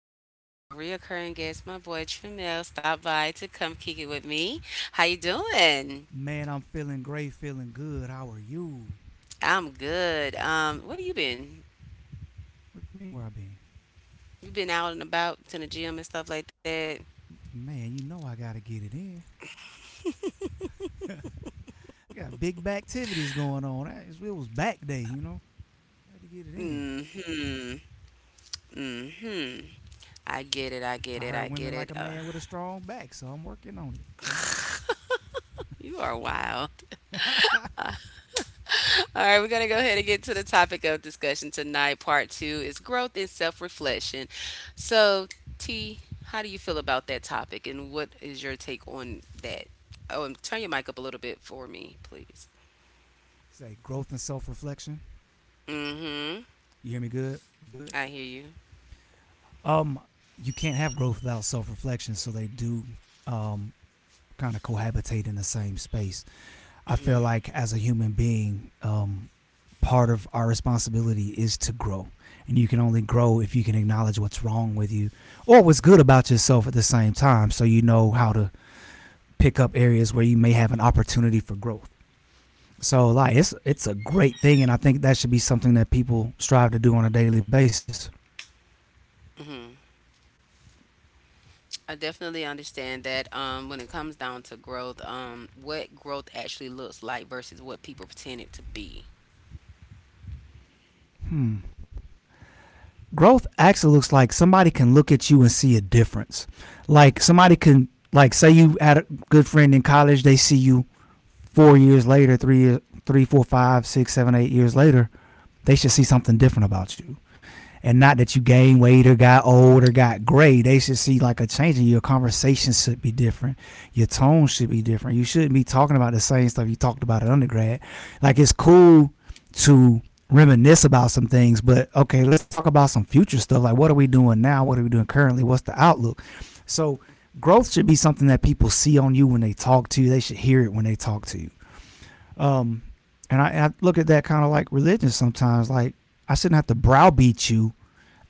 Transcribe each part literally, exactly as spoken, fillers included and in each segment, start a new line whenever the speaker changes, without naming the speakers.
Yama. I have a reoccurring guest, my boy Tramel, stop by to come kick it with me. How you doing?
Man, I'm feeling great, feeling good. How are you?
I'm good. Um, where you been?
What you mean where I been?
You been out and about to the gym and stuff like that?
Man, you know I gotta get it in. I got big back activities going on. It was back day, you know. I had to get it in.
Mm-hmm. Mm-hmm. I get it. I get
I
it. I
heard
get
women like
it.
a
Uh,
man with a strong back, so I'm working on it, you know.
You are wild. All right, we're going to go ahead and get to the topic of discussion tonight. Part two is growth and self reflection. So, T, how do you feel about that topic and what is your take on that? Oh, and turn your mic up a little bit for me, please.
Say growth and self reflection.
Mm hmm.
You hear me good? We good?
I hear you.
Um, you can't have growth without self reflection, so they do um kind of cohabitate in the same space. I feel like as a human being, um, part of our responsibility is to grow. And you can only grow if you can acknowledge what's wrong with you or what's good about yourself at the same time so you know how to pick up areas where you may have an opportunity for growth. So like it's it's a great thing and I think that should be something that people strive to do on a daily basis.
Mm hmm I definitely understand that, um, when it comes down to growth, um, what growth actually looks like versus what people pretend it to be.
Hmm. Growth actually looks like somebody can look at you and see a difference. Like somebody can like say you had a good friend in college, they see you four years later, three, three, four, five, six, seven, eight years, years later, they should see
Mm-hmm.
something different about you. And not that you gained weight or got old or got gray. They should see like a change in you. Your conversation should be different. Your tone should be different. You shouldn't be talking about the same stuff you talked about at undergrad. Like it's cool to reminisce about some things, but okay, let's talk about some future stuff. Like what are we doing now? What are we doing currently? What's the outlook? So growth should be something that people see on you when they talk to you. They should hear it when they talk to you. Um, and I, I look at that kind of like religion sometimes. Like I shouldn't have to browbeat you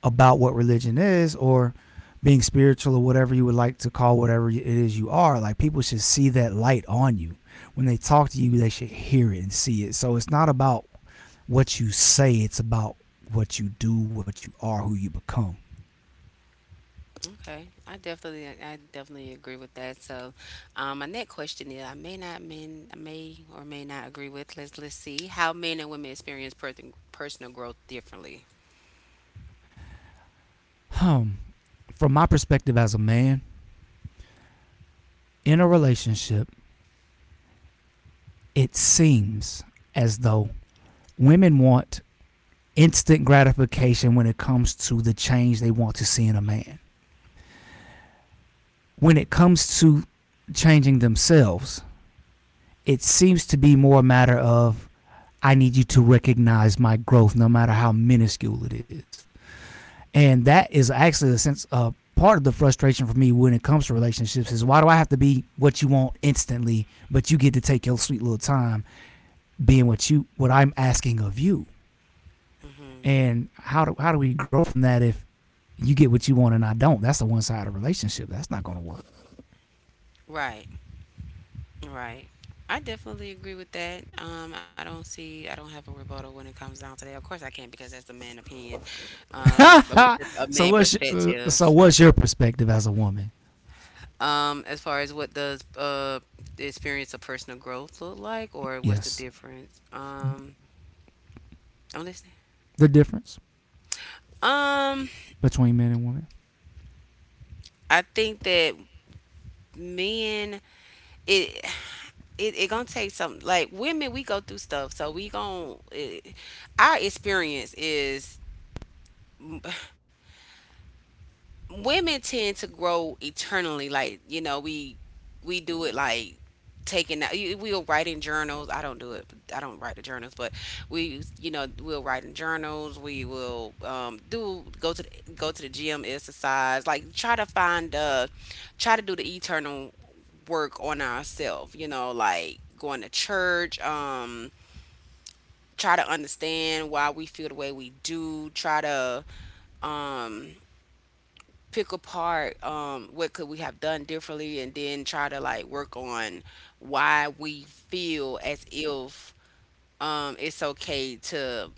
about what religion is or being spiritual or whatever you would like to call whatever it is you are. Like people should see that light on you. When they talk to you, they should hear it and see it. So it's not about what you say, it's about what you do, what you are, who you become.
Okay, I definitely, I definitely agree with that. So, um, my next question is, I may not, men, I may or may not agree with. Let's let's see how men and women experience per- personal growth differently.
Um, from my perspective as a man in a relationship, it seems as though women want instant gratification when it comes to the change they want to see in a man. When it comes to changing themselves, it seems to be more a matter of I need you to recognize my growth no matter how minuscule it is. And that is actually a sense of part of the frustration for me when it comes to relationships is why do I have to be what you want instantly, but you get to take your sweet little time being what you what I'm asking of you.
Hmm.
And how do how do we grow from that if you get what you want and I don't. That's a one sided relationship. That's not going to work.
Right, right. I definitely agree with that. Um, I don't see, I don't have a rebuttal when it comes down to that. Of course, I can't because that's a man opinion, um, a a
So
man
what's your, uh, so
perspective.
what's your perspective as a woman?
Um, as far as what does uh the experience of personal growth look like, or what's the
Yes,
difference? Um, I'm listening.
the difference
Um,
between men and women.
I think that men it it, it gonna take some like women we go through stuff so we gonna it, our experience is women tend to grow eternally like you know we we do it like taking out you- we'll write in journals. I don't do it. I don't write the journals, but we, you know, we'll write in journals. We will, um, do go to the, go to the gym, exercise, like try to find uh try to do the eternal work on ourselves, you know, like going to church, um try to understand why we feel the way we do, try to, um, pick apart, um, what could we have done differently, and then try to like work on why we feel as if, um, it's okay to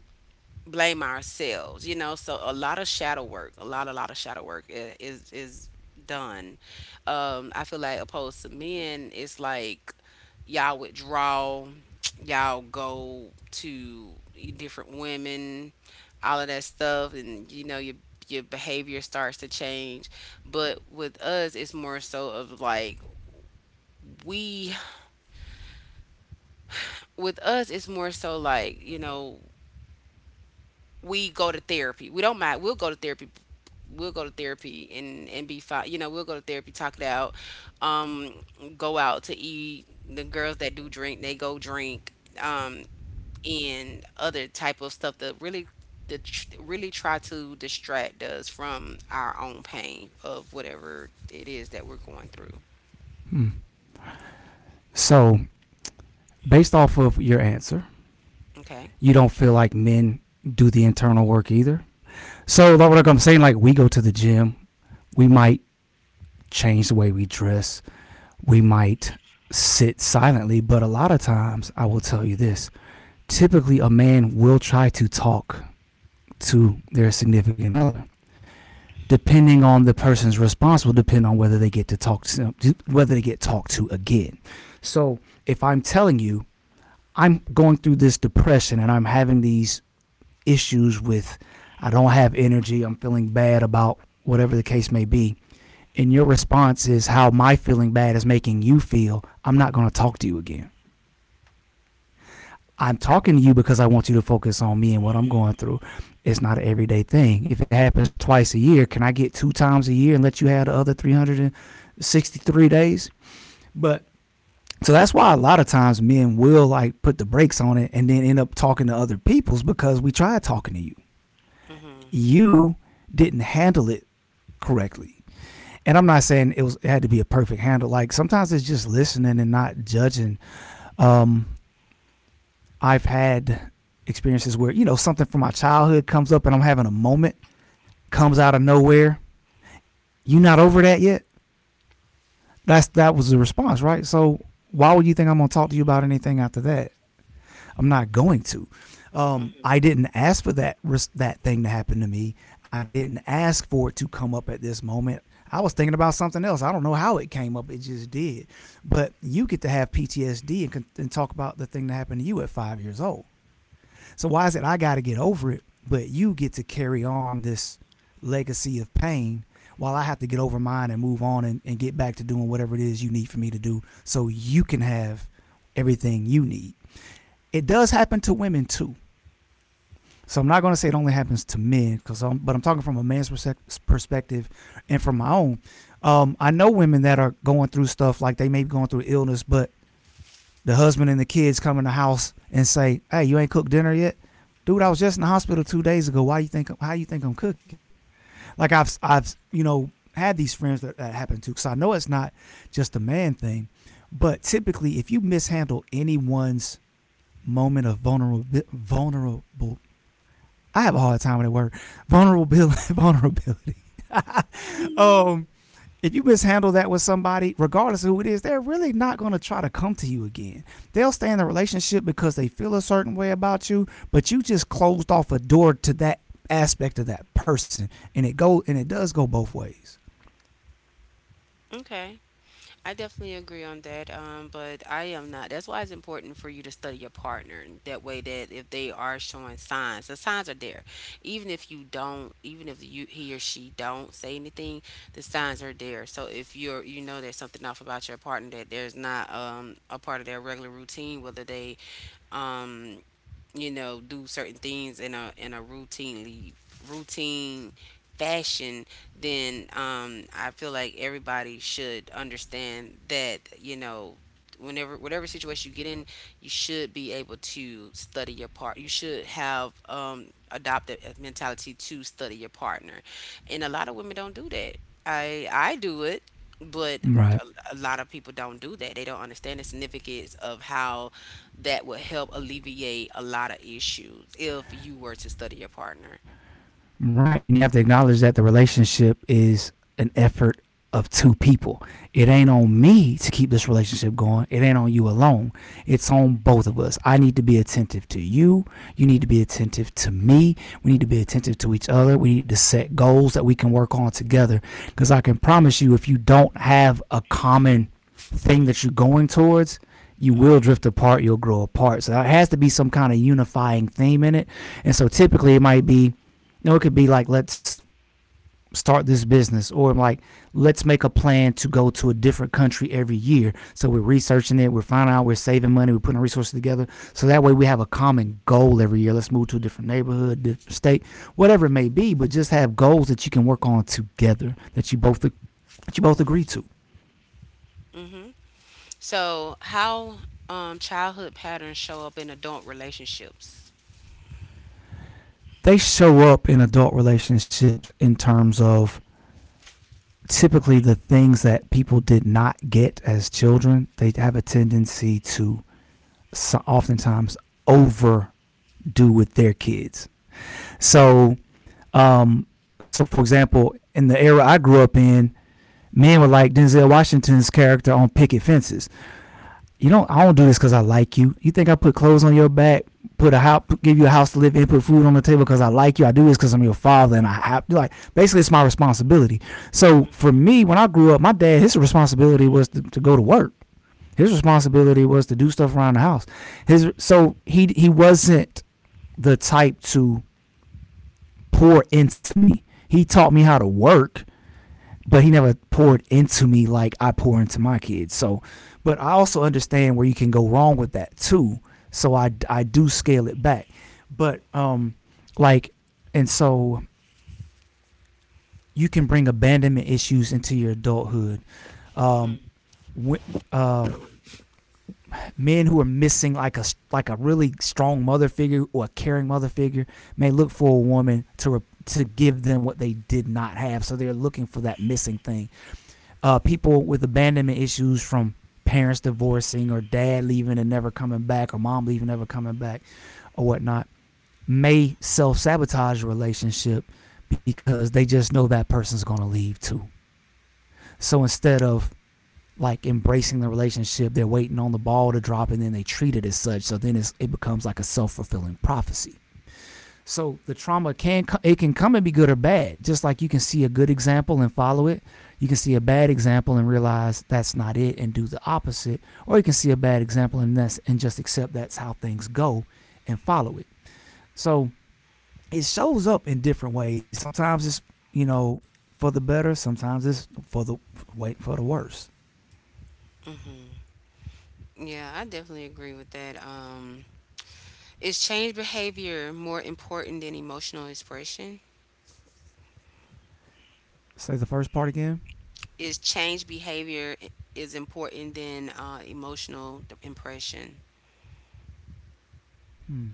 blame ourselves, you know. So a lot of shadow work, a lot, a lot of shadow work i- is is done. Um, I feel like opposed to men, it's like y'all withdraw, y'all go to different women, all of that stuff, and you know your your behavior starts to change. But with us, it's more so of like we with us, it's more so like, you know, we go to therapy. We don't mind. We'll go to therapy we'll go to therapy and and be fine. You know, we'll go to therapy, talk it out, um, go out to eat. The girls that do drink, they go drink, um, and other type of stuff that really that tr- really try to distract us from our own pain of whatever it is that we're going through.
Hmm. So, based off of your answer,
Okay.
you don't feel like men do the internal work either. So, like I'm saying, like we go to the gym, we might change the way we dress, we might sit silently, but a lot of times, I will tell you this typically, a man will try to talk to their significant other. Depending on the person's response will depend on whether they get to talk to whether they get talked to again. So if I'm telling you I'm going through this depression and I'm having these issues with I don't have energy, I'm feeling bad about whatever the case may be, and your response is how my feeling bad is making you feel, I'm not going to talk to you again. I'm talking to you because I want you to focus on me and what I'm going through. It's not an everyday thing. If it happens twice a year, can I get two times a year and let you have the other three hundred sixty-three days? But so that's why a lot of times men will like put the brakes on it and then end up talking to other people's because we tried talking to you.
Mhm.
You didn't handle it correctly. And I'm not saying it was it had to be a perfect handle. Like sometimes it's just listening and not judging. Um I've had experiences where, you know, something from my childhood comes up and I'm having a moment, comes out of nowhere. You not over that yet? That's that was the response, right? So why would you think I'm gonna talk to you about anything after that? I'm not going to. Um,
Mhm.
I didn't ask for that that thing to happen to me. I didn't ask for it to come up at this moment. I was thinking about something else. I don't know how it came up. It just did. But you get to have P T S D and, and talk about the thing that happened to you at five years old. So why is it I got to get over it, but you get to carry on this legacy of pain while I have to get over mine and move on and, and get back to doing whatever it is you need for me to do so you can have everything you need? It does happen to women too. So I'm not going to say it only happens to men, because I'm, but I'm talking from a man's perse- perspective and from my own. Um, I know women that are going through stuff like they may be going through illness, but the husband and the kids come in the house and say, "Hey, you ain't cooked dinner yet." Dude, I was just in the hospital two days ago. Why you think? How you think I'm cooking? Like I've, I've, you know, had these friends that that happened to. Because I know it's not just a man thing, but typically, if you mishandle anyone's moment of vulnerable, vulnerable, I have a hard time with that word, vulnerability, vulnerability.
Mhm.
Um, if you mishandle that with somebody, regardless of who it is, they're really not going to try to come to you again. They'll stay in the relationship because they feel a certain way about you, but you just closed off a door to that aspect of that person, and it go and it does go both ways.
Okay. I definitely agree on that, um, but I am not. That's why it's important for you to study your partner. And That way, that if they are showing signs, the signs are there. Even if you don't, even if you he or she don't say anything, the signs are there. So if you're, you know, there's something off about your partner that there's not, um, a part of their regular routine, whether they, um, you know, do certain things in a in a routinely routine fashion, then um I feel like everybody should understand that, you know, whenever whatever situation you get in, you should be able to study your part you should have, um adopted a mentality to study your partner. And a lot of women don't do that. I i do it, but
Right.
a, a lot of people don't do that. They don't understand the significance of how that would help alleviate a lot of issues if you were to study your partner.
Right. And you have to acknowledge that the relationship is an effort of two people. It ain't on me to keep this relationship going. It ain't on you alone. It's on both of us. I need to be attentive to you. You need to be attentive to me. We need to be attentive to each other. We need to set goals that we can work on together. Because I can promise you, if you don't have a common thing that you're going towards, you will
Hmm.
drift apart. You'll grow apart. So there has to be some kind of unifying theme in it. And so typically it might be, you know, it could be like, let's start this business, or like, let's make a plan to go to a different country every year. So we're researching it, we're finding out, we're saving money, we're putting resources together. So that way we have a common goal every year. Let's move to a different neighborhood, different state, whatever it may be, but just have goals that you can work on together that you both that you both agree to.
Hmm. So, how, um, childhood patterns show up in adult relationships?
They show up in adult relationships in terms of typically the things that people did not get as children, they have a tendency to so oftentimes overdo with their kids. So, um, so for example, in the era I grew up in, men were like Denzel Washington's character on Picket Fences. You don't, I don't do this because I like you. You think I put clothes on your back, put a house, give you a house to live in, put food on the table because I like you. I do this because I'm your father, and I have to, like basically it's my responsibility. So for me, when I grew up, my dad his responsibility was to, to go to work. His responsibility was to do stuff around the house. His so he he wasn't the type to pour into me. He taught me how to work, but he never poured into me like I pour into my kids. So, but I also understand where you can go wrong with that too. So I I do scale it back. But um like and so you can bring abandonment issues into your adulthood. Um when, uh men who are missing like a like a really strong mother figure or a caring mother figure may look for a woman to re- to give them what they did not have. So they're looking for that missing thing. Uh, people with abandonment issues from parents divorcing or dad leaving and never coming back or mom leaving never coming back or whatnot may self sabotage a relationship because they just know that person's going to leave too. So instead of like embracing the relationship. They're waiting on the ball to drop and then they treat it as such. So then it's, it becomes like a self fulfilling prophecy. So the trauma can it can come and be good or bad. Just like you can see a good example and follow it, you can see a bad example and realize that's not it and do the opposite, or you can see a bad example and that's and just accept that's how things go and follow it. So it shows up in different ways. Sometimes it's you know for the better. Sometimes it's for the wait for the worse.
Hmm. Yeah, I definitely agree with that. Um, is change behavior more important than emotional expression?
Say the first part again.
Is change behavior is important than uh, emotional impression?
Hmm.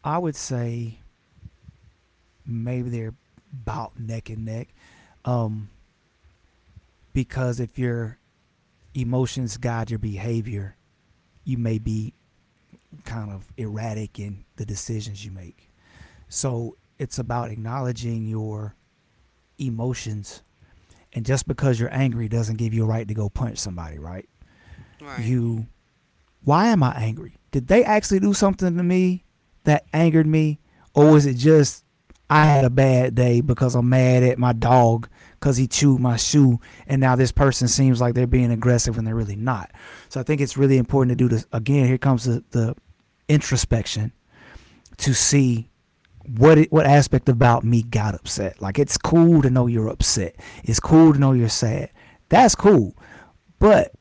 I would say maybe they're about neck and neck. Um, because if your emotions guide your behavior, you may be kind of erratic in the decisions you make. So it's about acknowledging your emotions. And just because you're angry doesn't give you a right to go punch somebody, right?
Right.
You why am I angry? Did they actually do something to me that angered me? Or is it just I had a bad day because I'm mad at my dog because he chewed my shoe and now this person seems like they're being aggressive when they're really not. So I think it's really important to do this again. Here comes the, the introspection to see what it, what aspect about me got upset. Like it's cool to know you're upset. It's cool to know you're sad. That's cool. But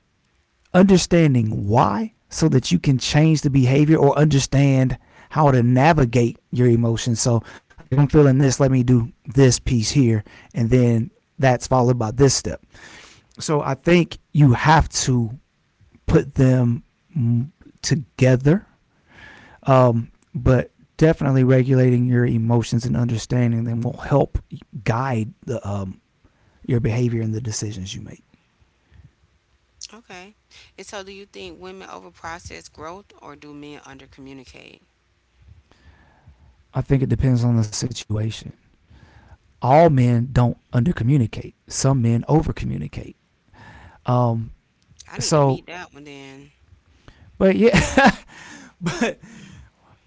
understanding why so that you can change the behavior or understand how to navigate your emotions. So, like if I'm feeling this, let me do this piece here, and then that's followed by this step. So, I think you have to put them mm, together, um, but definitely regulating your emotions and understanding them will help guide the, um, your behavior and the decisions you make.
Okay. And so do you think women over process growth or do men under communicate?
I think it depends on the situation. All men don't under communicate. Some men over communicate. Um,
I need to
so,
meet that one then.
but yeah, but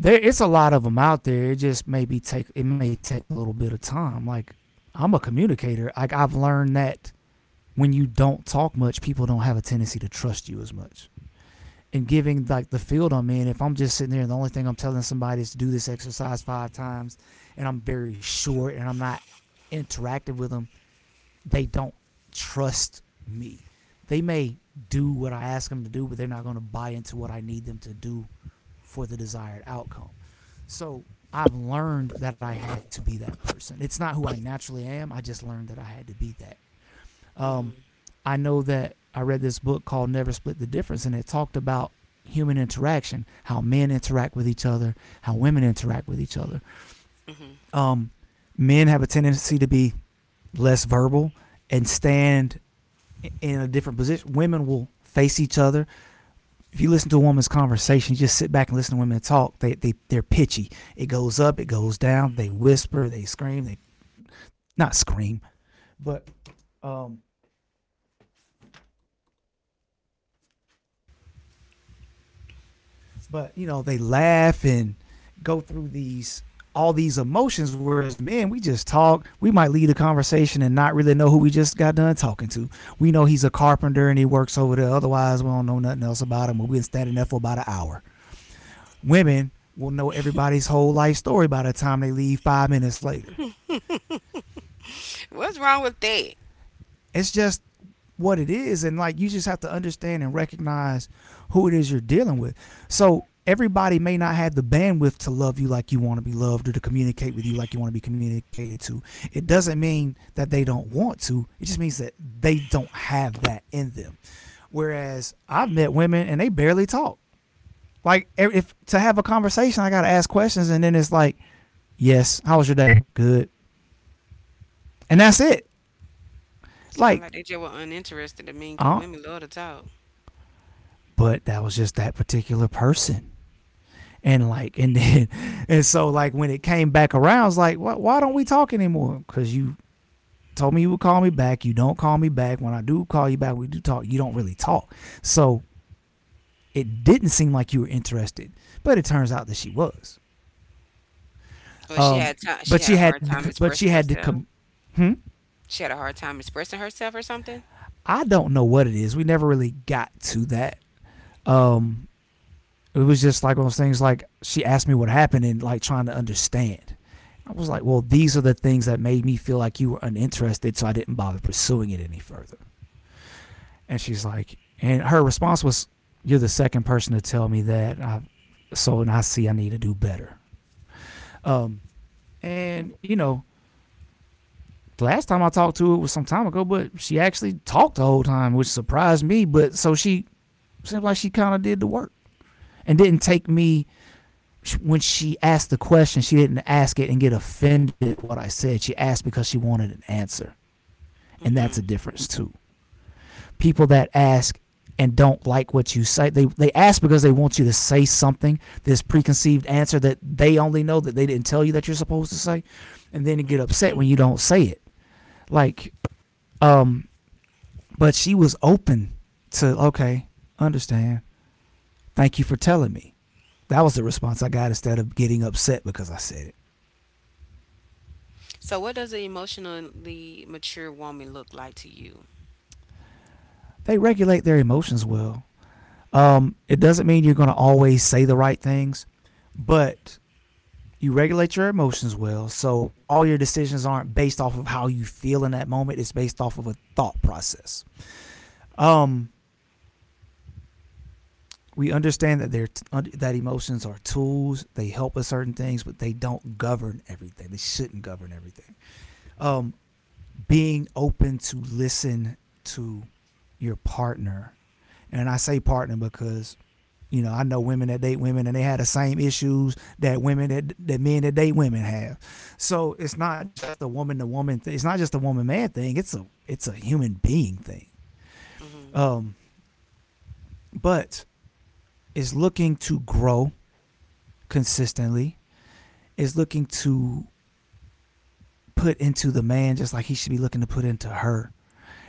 there it's a lot of them out there. It just maybe take it may take a little bit of time. Like I'm a communicator. Like I've learned that when you don't talk much, people don't have a tendency to trust you as much. And giving like the field I'm in, if I'm just sitting there and the only thing I'm telling somebody is to do this exercise five times, and I'm very short and I'm not interactive with them, they don't trust me. They may do what I ask them to do, but they're not going to buy into what I need them to do for the desired outcome. So I've learned that I had to be that person. It's not who I naturally am. I just learned that I had to be that. Um, I know that I read this book called Never Split the Difference, and it talked about human interaction, how men interact with each other, how women interact with each other.
Hmm.
Um, Men have a tendency to be less verbal and stand in a different position. Women will face each other. If you listen to a woman's conversation, you just sit back and listen to women talk. They they they're pitchy. It goes up, it goes down. They whisper, they scream, they not scream, but um, but you know they laugh and go through these all these emotions. Whereas men, we just talk. We might lead a conversation and not really know who we just got done talking to. We know he's a carpenter and he works over there. Otherwise, we don't know nothing else about him. We've been standing there for about an hour. Women will know everybody's whole life story by the time they leave five minutes later.
What's wrong with that?
It's just what it is. And like, you just have to understand and recognize who it is you're dealing with. So, everybody may not have the bandwidth to love you like you want to be loved or to communicate with you like you want to be communicated to. It doesn't mean that they don't want to, it just means that they don't have that in them. Whereas I've met women and they barely talk. Like, e, if to have a conversation, I got to ask questions. And then it's like, yes. How was your day? Good. And that's it.
Sound
Like,
like they just were uninterested to me because
uh,
women love to talk.
but that was just that particular person. And like, and then, and so like when it came back around, I was like, why, why don't we talk anymore? Because you told me you would call me back. You don't call me back. When I do call you back, we do talk. You don't really talk. So it didn't seem like you were interested, but it turns out that she was.
Well, she
Um,
had time. She
but
had a
she had
hard time
to, but she
expressing
had to come.
herself.
Hmm?
She had a hard time expressing herself or something.
I don't know what it is. We never really got to that. Um, it was just like one of those things like she asked me what happened and like trying to understand. I was like, well, these are the things that made me feel like you were uninterested, so I didn't bother pursuing it any further. And she's like, and her response was, you're the second person to tell me that. I, so, and I see I need to do better. Um, and you know, last time I talked to her was some time ago, but she actually talked the whole time, which surprised me. But so she seemed like she kind of did the work and didn't take me when she asked the question, she didn't ask it and get offended at what I said. She asked because she wanted an answer. And that's
Hmm.
a difference too. People that ask and don't like what you say, they, they ask because they want you to say something, this preconceived answer that they only know that they didn't tell you that you're supposed to say. And then you get upset when you don't say it. Like, um, but she was open to, okay, understand. Thank you for telling me. That was the response I got instead of getting upset because I said it.
So, what does an emotionally mature woman look like to you?
They regulate their emotions well. Um, it doesn't mean you're going to always say the right things, but you regulate your emotions well. So all your decisions aren't based off of how you feel in that moment. It's based off of a thought process. Um, we understand that they're t- that emotions are tools. They help with certain things, but they don't govern everything. They shouldn't govern everything. Um, Being open to listen to your partner, and I say partner because you know, I know women that date women and they had the same issues that women that, that men that date women have. So it's not just a woman to woman thing. It's not just a woman man thing. It's a it's a human being thing.
Hmm.
Um, but is looking to grow consistently, is looking to put into the man just like he should be looking to put into her.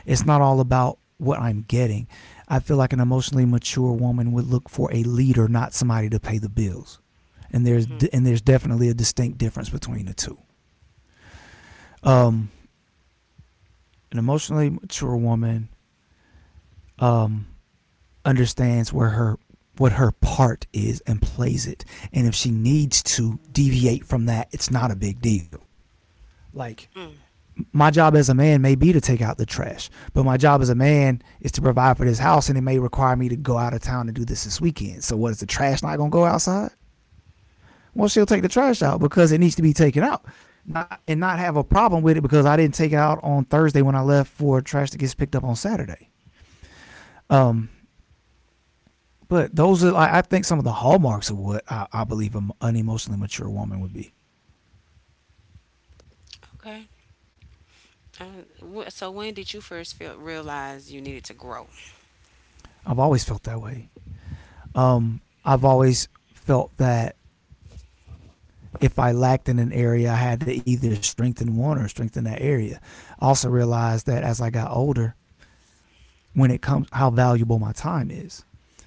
It's not all about what I'm getting. I feel like an emotionally mature woman would look for a leader, not somebody to pay the bills. And there's
Hmm.
and there's definitely a distinct difference between the two. Um, an emotionally mature woman um, understands where her what her part is and plays it. And if she needs to deviate from that, it's not a big deal. Like
Mm.
my job as a man may be to take out the trash, but my job as a man is to provide for this house, and it may require me to go out of town and do this this weekend. So, what is the trash not gonna go outside? Well, she'll take the trash out because it needs to be taken out, not and not have a problem with it because I didn't take it out on Thursday when I left for trash that gets picked up on Saturday. Um, but those are like I think some of the hallmarks of what I, I believe an unemotionally mature woman would be.
Okay. Uh, wh- so, when did you first feel realize you needed to grow?
I've always felt that way. Um, I've always felt that if I lacked in an area, I had to either strengthen one or strengthen that area. I also realized that as I got older, when it comes how valuable my time is.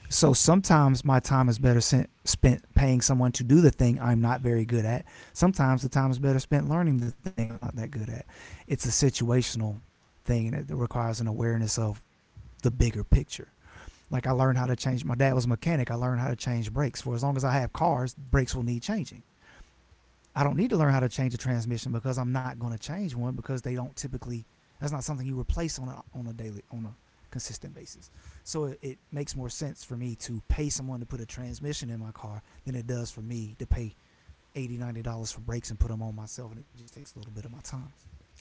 So sometimes my time is better spent paying someone to do the thing I'm not very good at. Sometimes the time is better spent learning the thing I'm not that good at. It's a situational thing and it requires an awareness of the bigger picture. Like I learned how to change my dad was a mechanic. I learned how to change brakes. For as long as I have cars, brakes will need changing. I don't need to learn how to change a transmission because I'm not going to change one because they don't typically. That's not something you replace on a on a daily on a consistent basis. So it, it makes more sense for me to pay someone to put a transmission in my car than it does for me to pay eighty dollars ninety dollars for brakes and put them on myself, and it just takes a little bit of my time.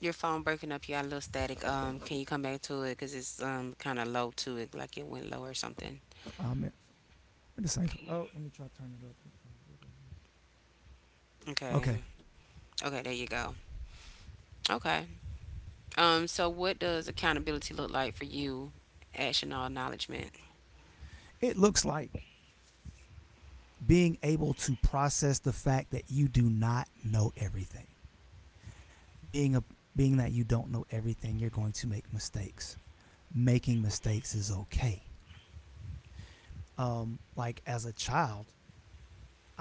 Your phone breaking up. You got a little static. Um, can you come back to it? Cause it's um kind of low to it, like it went low or something.
Um, the same.
Okay.
Oh, let me try to turn it up. Okay,
Okay. Okay. There you go. Okay. Um. So, what does accountability look like for you? Action or acknowledgement.
it looks like being able to process the fact that you do not know everything. Being a Being that you don't know everything, you're going to make mistakes. Making mistakes is okay. Um, like as a child,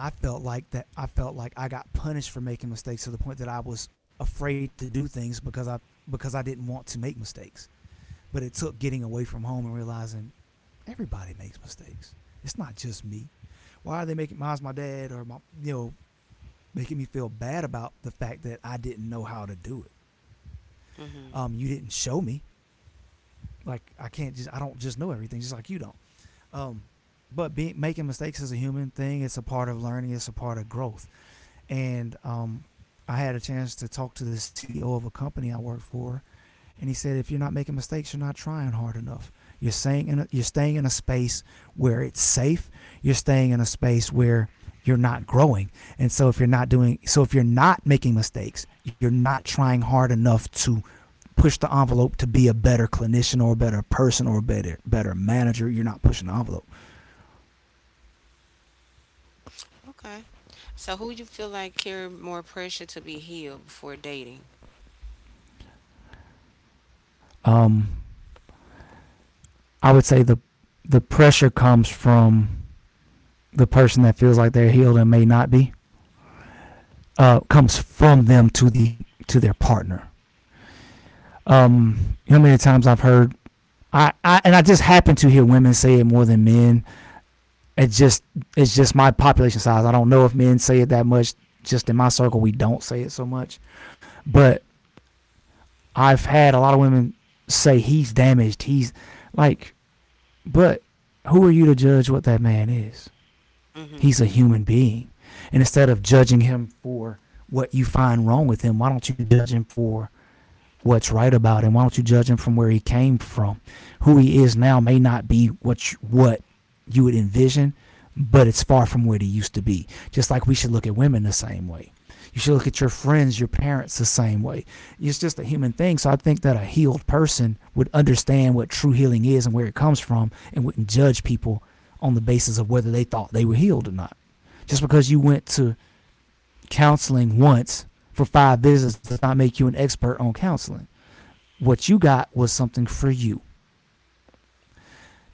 I felt like that I felt like I got punished for making mistakes to the point that I was afraid to do things because I because I didn't want to make mistakes. But it took getting away from home and realizing everybody makes mistakes. It's not just me. Why are they making mine's my dad or my, you know, making me feel bad about the fact that I didn't know how to do it?
Mm-hmm.
Um, you didn't show me. Like I can't just I don't just know everything just like you don't. Um, but be, making mistakes is a human thing. It's a part of learning. It's a part of growth. And um, I had a chance to talk to the C E O of a company I work for, and he said, "If you're not making mistakes, you're not trying hard enough. You're staying in a, you're staying in a space where it's safe. You're staying in a space where you're not growing. And so if you're not doing so if you're not making mistakes, you're not trying hard enough to push the envelope to be a better clinician or a better person or a better better manager. You're not pushing the envelope.
Okay. So, who you feel like carry more pressure to be healed before dating?
Um, I would say the the pressure comes from the person that feels like they're healed and may not be. Uh, comes from them to the to their partner. Um, you know how many times I've heard I, I and I just happen to hear women say it more than men. It's just it's just my population size. I don't know if men say it that much. Just in my circle, we don't say it so much. But I've had a lot of women say he's damaged. He's like, but who are you to judge what that man is?
Mm-hmm.
He's a human being. And instead of judging him for what you find wrong with him, why don't you judge him for what's right about him. Why don't you judge him from where he came from? Who he is now may not be what you, what you would envision, but it's far from where he used to be. Just like we should look at women the same way. You should look at your friends, your parents the same way. It's just a human thing. So I think that a healed person would understand what true healing is and where it comes from and wouldn't judge people on the basis of whether they thought they were healed or not. Just because you went to counseling once for five visits does not make you an expert on counseling. What you got was something for you.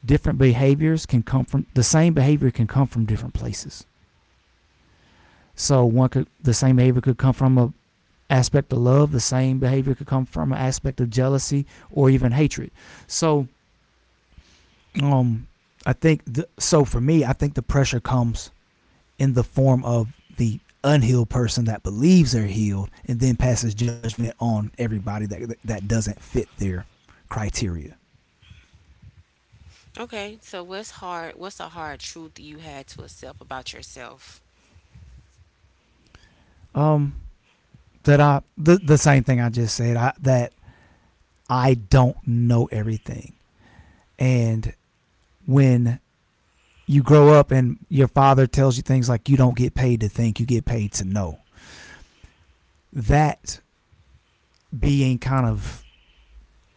Different behaviors can come from the same behavior can come from different places. So one could the same behavior could come from a aspect of love, the same behavior could come from an aspect of jealousy or even hatred. So um I think the, so for me, I think the pressure comes in the form of the unhealed person that believes they're healed and then passes judgment on everybody that that doesn't fit their criteria.
Okay. So, what's hard? What's a hard truth you had to accept about yourself?
Um that I the the same thing I just said. I that I don't know everything, and when you grow up and your father tells you things like you don't get paid to think, you get paid to know. That being kind of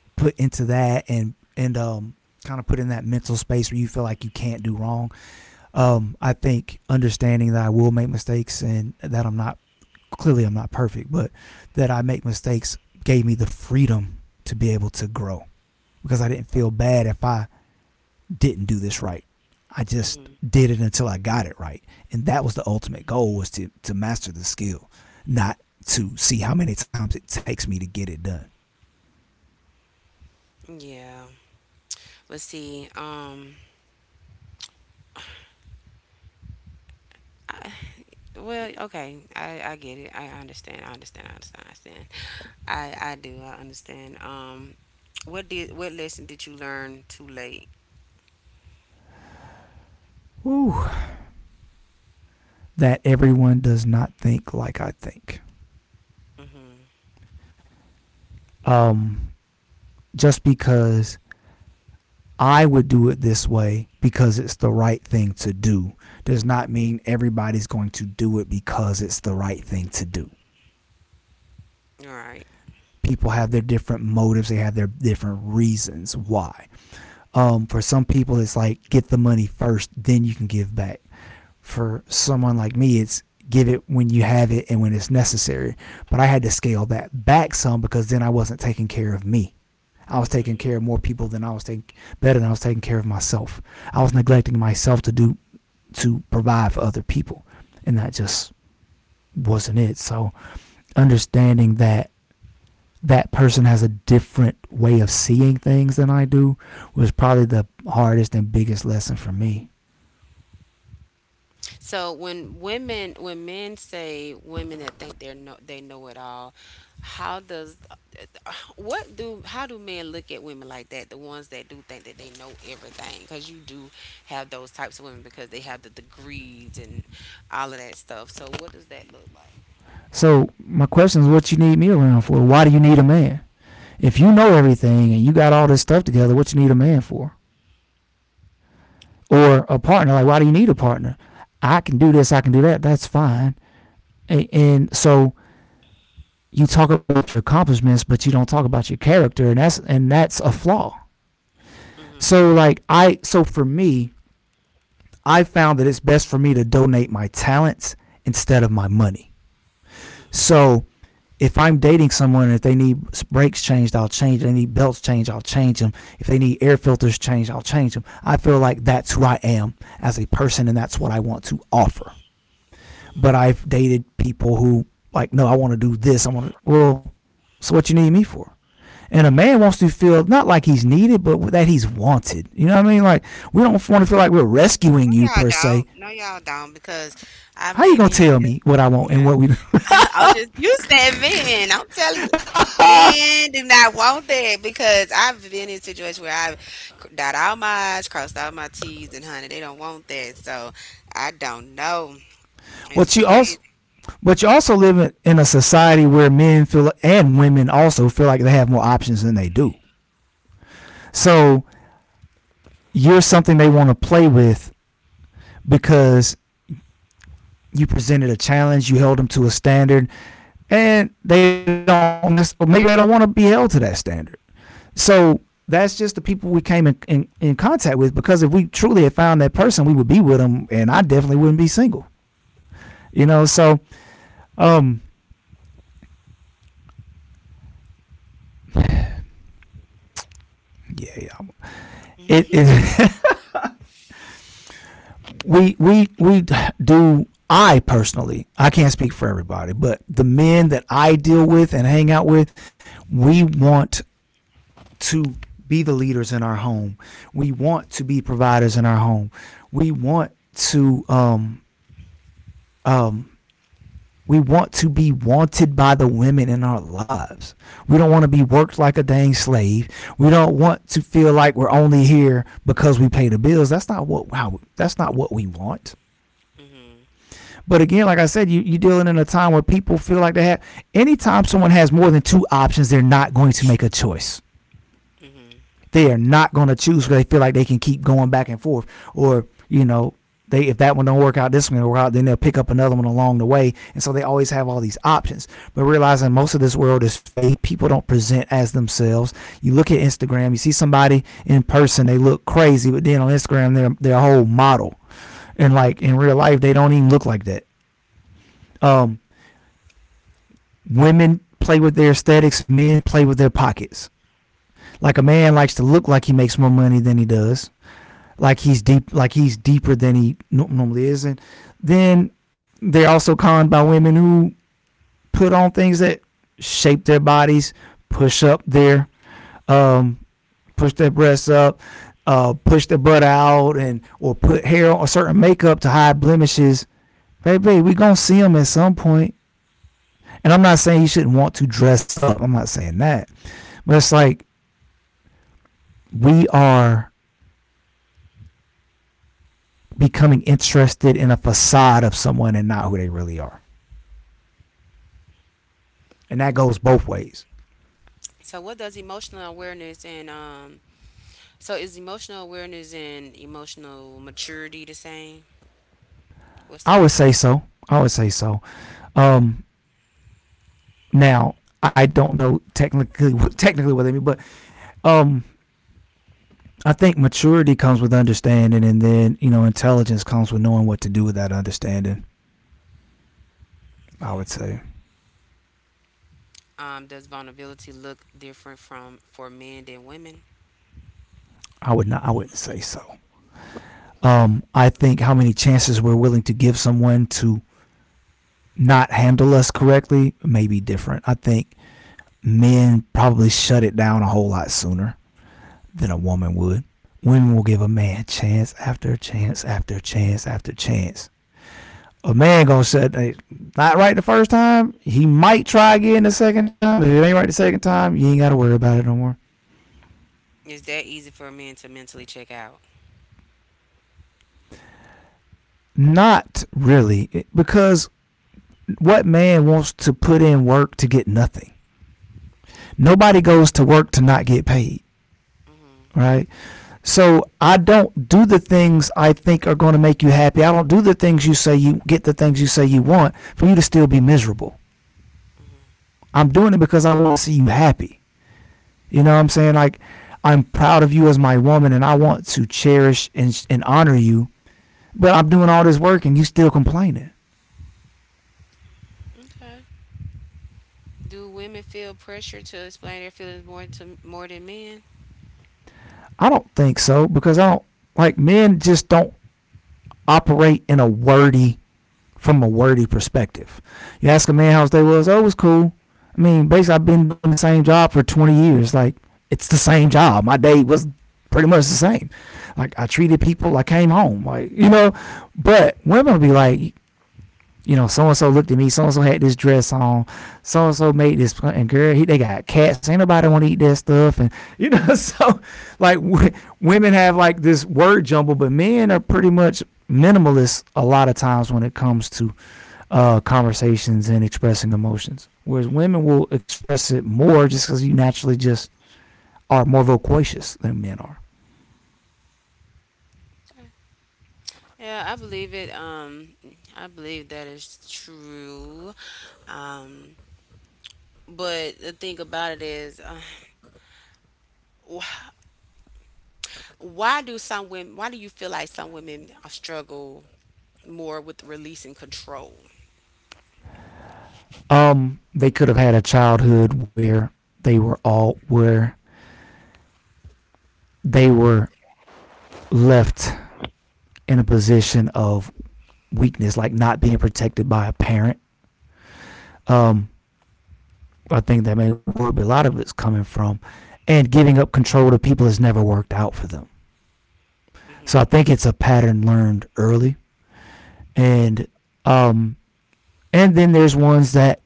put into that and and um kind of put in that mental space where you feel like you can't do wrong. Um, I think understanding that I will make mistakes and that I'm not clearly I'm not perfect, but that I make mistakes gave me the freedom to be able to grow, because I didn't feel bad if I didn't do this right. I just
Mm-hmm.
did it until I got it right. And that was the ultimate goal, was to to master the skill, not to see how many times it takes me to get it done.
Yeah. But see, um, well, okay, I, I get it. I understand. I understand. I understand. I understand. I, I do. I understand. Um, what did what lesson did you learn too late?
Whew. That everyone does not think like I think.
Mm-hmm.
Um just because I would do it this way because it's the right thing to do does not mean everybody's going to do it because it's the right thing to do.
All right.
People have their different motives, they have their different reasons why. Um, for some people, it's like get the money first, then you can give back. For someone like me, it's give it when you have it and when it's necessary. But I had to scale that back some because then I wasn't taking care of me. I was taking
Mm-hmm.
care of more people than I was taking Better than I was taking care of myself. I was neglecting myself to do to provide for other people, and that just wasn't it. So understanding that that person has a different way of seeing things than I do was probably the hardest and biggest lesson for me.
So when women when men say women that think they're no they know it all, how does what do how do men look at women like that? The ones that do think that they know everything, because you do have those types of women because they have the degrees and all of that stuff. So what does that look like?
So my question is, what you need me around for? Why do you need a man? If you know everything and you got all this stuff together, what you need a man for? Or a partner, like why do you need a partner? I can do this, I can do that, that's fine. And, and So you talk about your accomplishments, but you don't talk about your character, and that's and that's a flaw. So like I so for me, I found that it's best for me to donate my talents instead of my money. So if I'm dating someone, and if they need brakes changed, I'll change. If they need belts changed, I'll change them. If they need air filters changed, I'll change them. I feel like that's who I am as a person, and that's what I want to offer. But I've dated people who like, no, I want to do this. I want to. Well, so what you need me for? And a man wants to feel not like he's needed, but that he's wanted. You know what I mean? Like we don't want to feel like we're rescuing
No,
you
y'all
per se.
don't. No, y'all don't because I've
How you
made
gonna
men
tell me what I
feel.
want
Yeah.
and what we?
I'll just You said men. I'm telling you, men do not want that because I've been in situations where I've c- dot all my I's, crossed all my T's, and honey, they don't want that. So I don't know. It's
What you
crazy.
also? But you also live in, in a society where men feel and women also feel like they have more options than they do. So you're something they want to play with because you presented a challenge, you held them to a standard, and they don't necessarily, maybe they don't want to be held to that standard. So that's just the people we came in, in, in contact with, because if we truly had found that person, we would be with them, and I definitely wouldn't be single. You know, so um, yeah, it is we we we do I personally, I can't speak for everybody, but the men that I deal with and hang out with, we want to be the leaders in our home, we want to be providers in our home, we want to um um we want to be wanted by the women in our lives. We don't want to be worked like a dang slave. We don't want to feel like we're only here because we pay the bills. That's not what how, that's not what we want.
Hmm.
But again, like I said, you, you're dealing in a time where people feel like they have. Anytime someone has more than two options, they're not going to make a choice.
Hmm.
They are not going to choose because they feel like they can keep going back and forth. Or, you know, they if that one don't work out, this one don't work out, then they'll pick up another one along the way. And so they always have all these options. But realizing most of this world is fake, people don't present as themselves. You look at Instagram, you see somebody in person, they look crazy, but then on Instagram, they're their whole model. And like in real life, they don't even look like that. Um, Women play with their aesthetics, men play with their pockets. Like a man likes to look like he makes more money than he does, like he's deep, like he's deeper than he no- normally is, and then they're also conned by women who put on things that shape their bodies, push up their um, push their breasts up, uh, push their butt out, and or put hair on- or certain makeup to hide blemishes. Baby, we gonna see them at some point. And I'm not saying you shouldn't want to dress up. I'm not saying that. But it's like we are becoming interested in a facade of someone and not who they really are. And that goes both ways.
So what does emotional awareness and um? so is emotional awareness and emotional maturity the same? What's the
I would say
difference?
so. I would say so. Um, Now I don't know technically technically what they mean, but um, I think maturity comes with understanding, and then you know intelligence comes with knowing what to do with that understanding. I
Okay.
would say.
Um, does vulnerability look different from for men than women?
I would not. I wouldn't say so. Um, I think how many chances we're willing to give someone to not handle us correctly may be different. I think men probably shut it down a whole lot sooner than a woman would. Women will give a man chance after chance after chance after chance. A man gonna shut eh, not right the first time. He might try again the second time. If it ain't right the second time, you ain't gotta worry about it no more.
Is that easy for men to mentally check out?
Not really, eh, because what man wants to put in work to get nothing? Nobody goes to work to not get paid,
Hmm.
right? So I don't do the things I think are going to make you happy. I don't do the things you say you get the things you say you want for you to still be miserable. I'm doing it because I want to see you happy. You know what I'm saying? Like I'm proud of you as my woman and I want to cherish and and honor you. But I'm doing all this work and you still complaining.
Okay. Do women feel pressure to explain their feelings more to more than men?
I don't think so, because I don't like men just don't operate in a wordy from a wordy perspective. You ask a man how his day was, oh, it was cool. I mean, basically, I've been doing the same job for twenty years. Like, it's the same job. My day was pretty much the same. Like, I treated people, like I came home, like, you know. But women will be like, you know, so and so looked at me, so and so had this dress on, so and so made this, and girl, he, they got cats, ain't nobody want to eat that stuff. And, you know, so like w- women have like this word jumble, but men are pretty much minimalist a lot of times when it comes to uh, conversations and expressing emotions. Whereas women will express it more just because you naturally just are more loquacious than men are.
Yeah, I believe it. Um, I believe that is true. Um, but the thing about it is, uh, wh- why do some women? Why do you feel like some women struggle more with releasing control?
Um, they could have had a childhood where they were all where they were left in a position of weakness, like not being protected by a parent. Um, I think that may where a lot of it's coming from, and giving up control to people has never worked out for them. So I think it's a pattern learned early, and um, And then there's ones that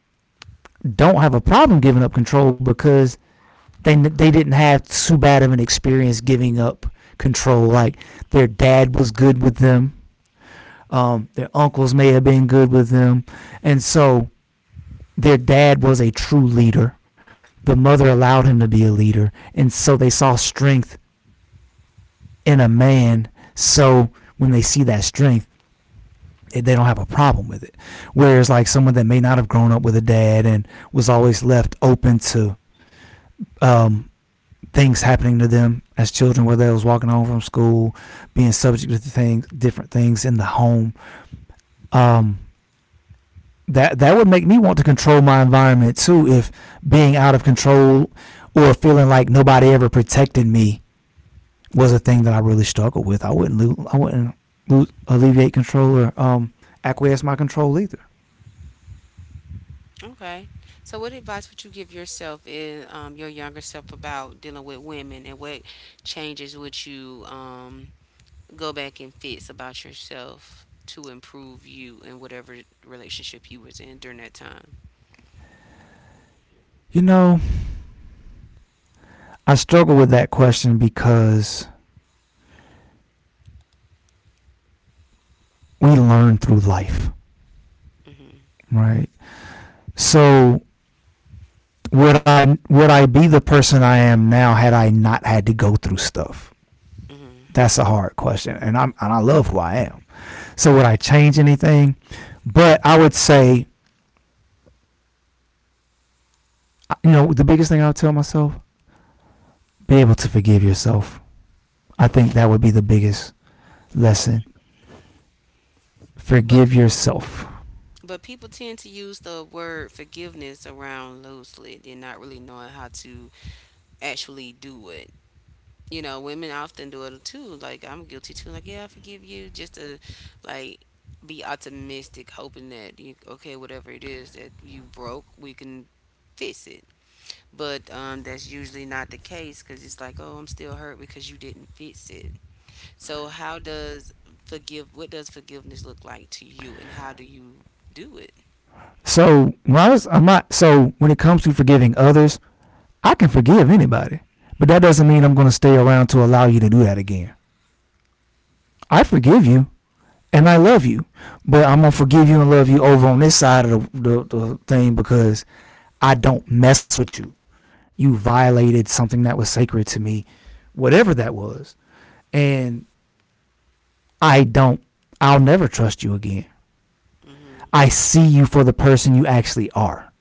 don't have a problem giving up control because they they didn't have too bad of an experience giving up control. Like their dad was good with them, um, their uncles may have been good with them, and so their dad was a true leader. The mother allowed him to be a leader, and so they saw strength in a man. So when they see that strength, they they don't have a problem with it. Whereas like someone that may not have grown up with a dad and was always left open to um, things happening to them as children, whether they was walking home from school, being subject to things, different things in the home. Um, that that would make me want to control my environment too. If being out of control or feeling like nobody ever protected me was a thing that I really struggled with, I wouldn't lo- I wouldn't lo- alleviate control or um, acquiesce my control either.
Okay. So, what advice would you give yourself in, um, your younger self about dealing with women, and what changes would you, um, go back and fix about yourself to improve you in whatever relationship you was in during that time?
You know, I struggle with that question because we learn through life,
Hmm.
right? So would I would I be the person I am now had I not had to go through stuff? That's a hard question, and I'm and I love who I am. So would I change anything? But I would say, you know, the biggest thing I would tell myself: be able to forgive yourself. I think that would be the biggest lesson.
But
Forgive
pe-
yourself.
but people tend to use the word forgiveness around loosely, and not really knowing how to actually do it. You know, women often do it too. Like I'm guilty too. Like, yeah, I forgive you, just to like be optimistic, hoping that you okay, whatever it is that you broke, we can fix it. But, um, that's usually not the case because it's like, oh, I'm still hurt because you didn't fix it. So how does forgive? What does forgiveness look like to you, and how do you do it?
So when I was, I'm not. So when it comes to forgiving others, I can forgive anybody, but that doesn't mean I'm going to stay around to allow you to do that again. I forgive you, and I love you, but I'm gonna forgive you and love you over on this side of the, the, the thing because I don't mess with you. You
Mm-hmm.
violated something that was sacred to me, whatever that was, and I don't. I'll never trust you again.
Mm-hmm.
I see you for the person you actually are.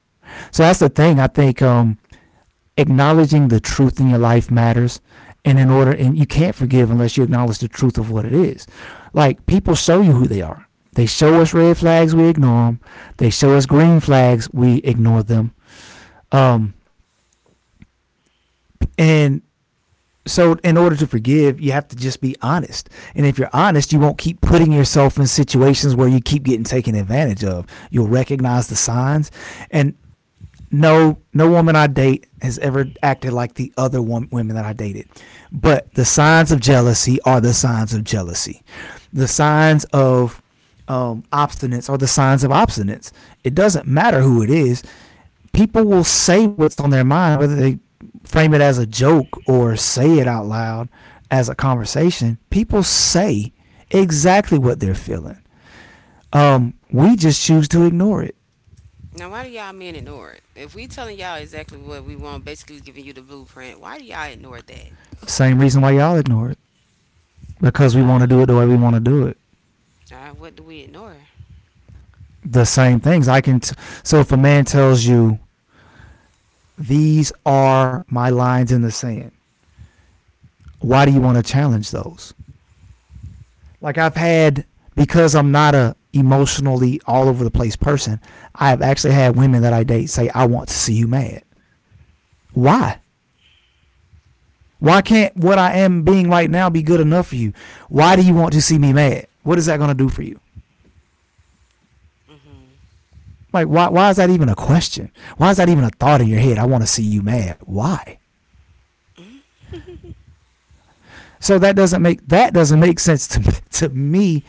So that's the thing. I think um, acknowledging the truth in your life matters. And in order, and you can't forgive unless you acknowledge the truth of what it is. Like, people show you who they are, they show us red flags, we ignore them, they show us green flags, we ignore them, um and so in order to forgive you have to just be honest. And if you're honest, you won't keep putting yourself in situations where you keep getting taken advantage of. You'll recognize the signs. And no no woman I date has ever acted like the other wom- women that I dated. But the signs of jealousy are the signs of jealousy. The signs of um, obstinance are the signs of obstinance. It doesn't matter who it is. People will say what's on their mind, whether they frame it as a joke or say it out loud as a conversation. People say exactly what they're feeling. Um, we just choose to ignore it.
Now, why do y'all men ignore it? If we telling y'all exactly what we want, basically giving you the blueprint, why do y'all ignore that?
Same reason why y'all ignore it. Because we want to do it the way we want to do it.
Uh, what do we ignore?
The same things I can. T- so if a man tells you these are my lines in the sand, why do you want to challenge those? Like I've had, because I'm not a emotionally all over the place person. I have actually had women that I date say, "I want to see you mad." Why? Why can't what I am being right now be good enough for you? Why do you want to see me mad? What is that going to do for you?
Hmm.
Like, why, why is that even a question? Why is that even a thought in your head? I want to see you mad. Why? So that doesn't make that doesn't make sense to me, to me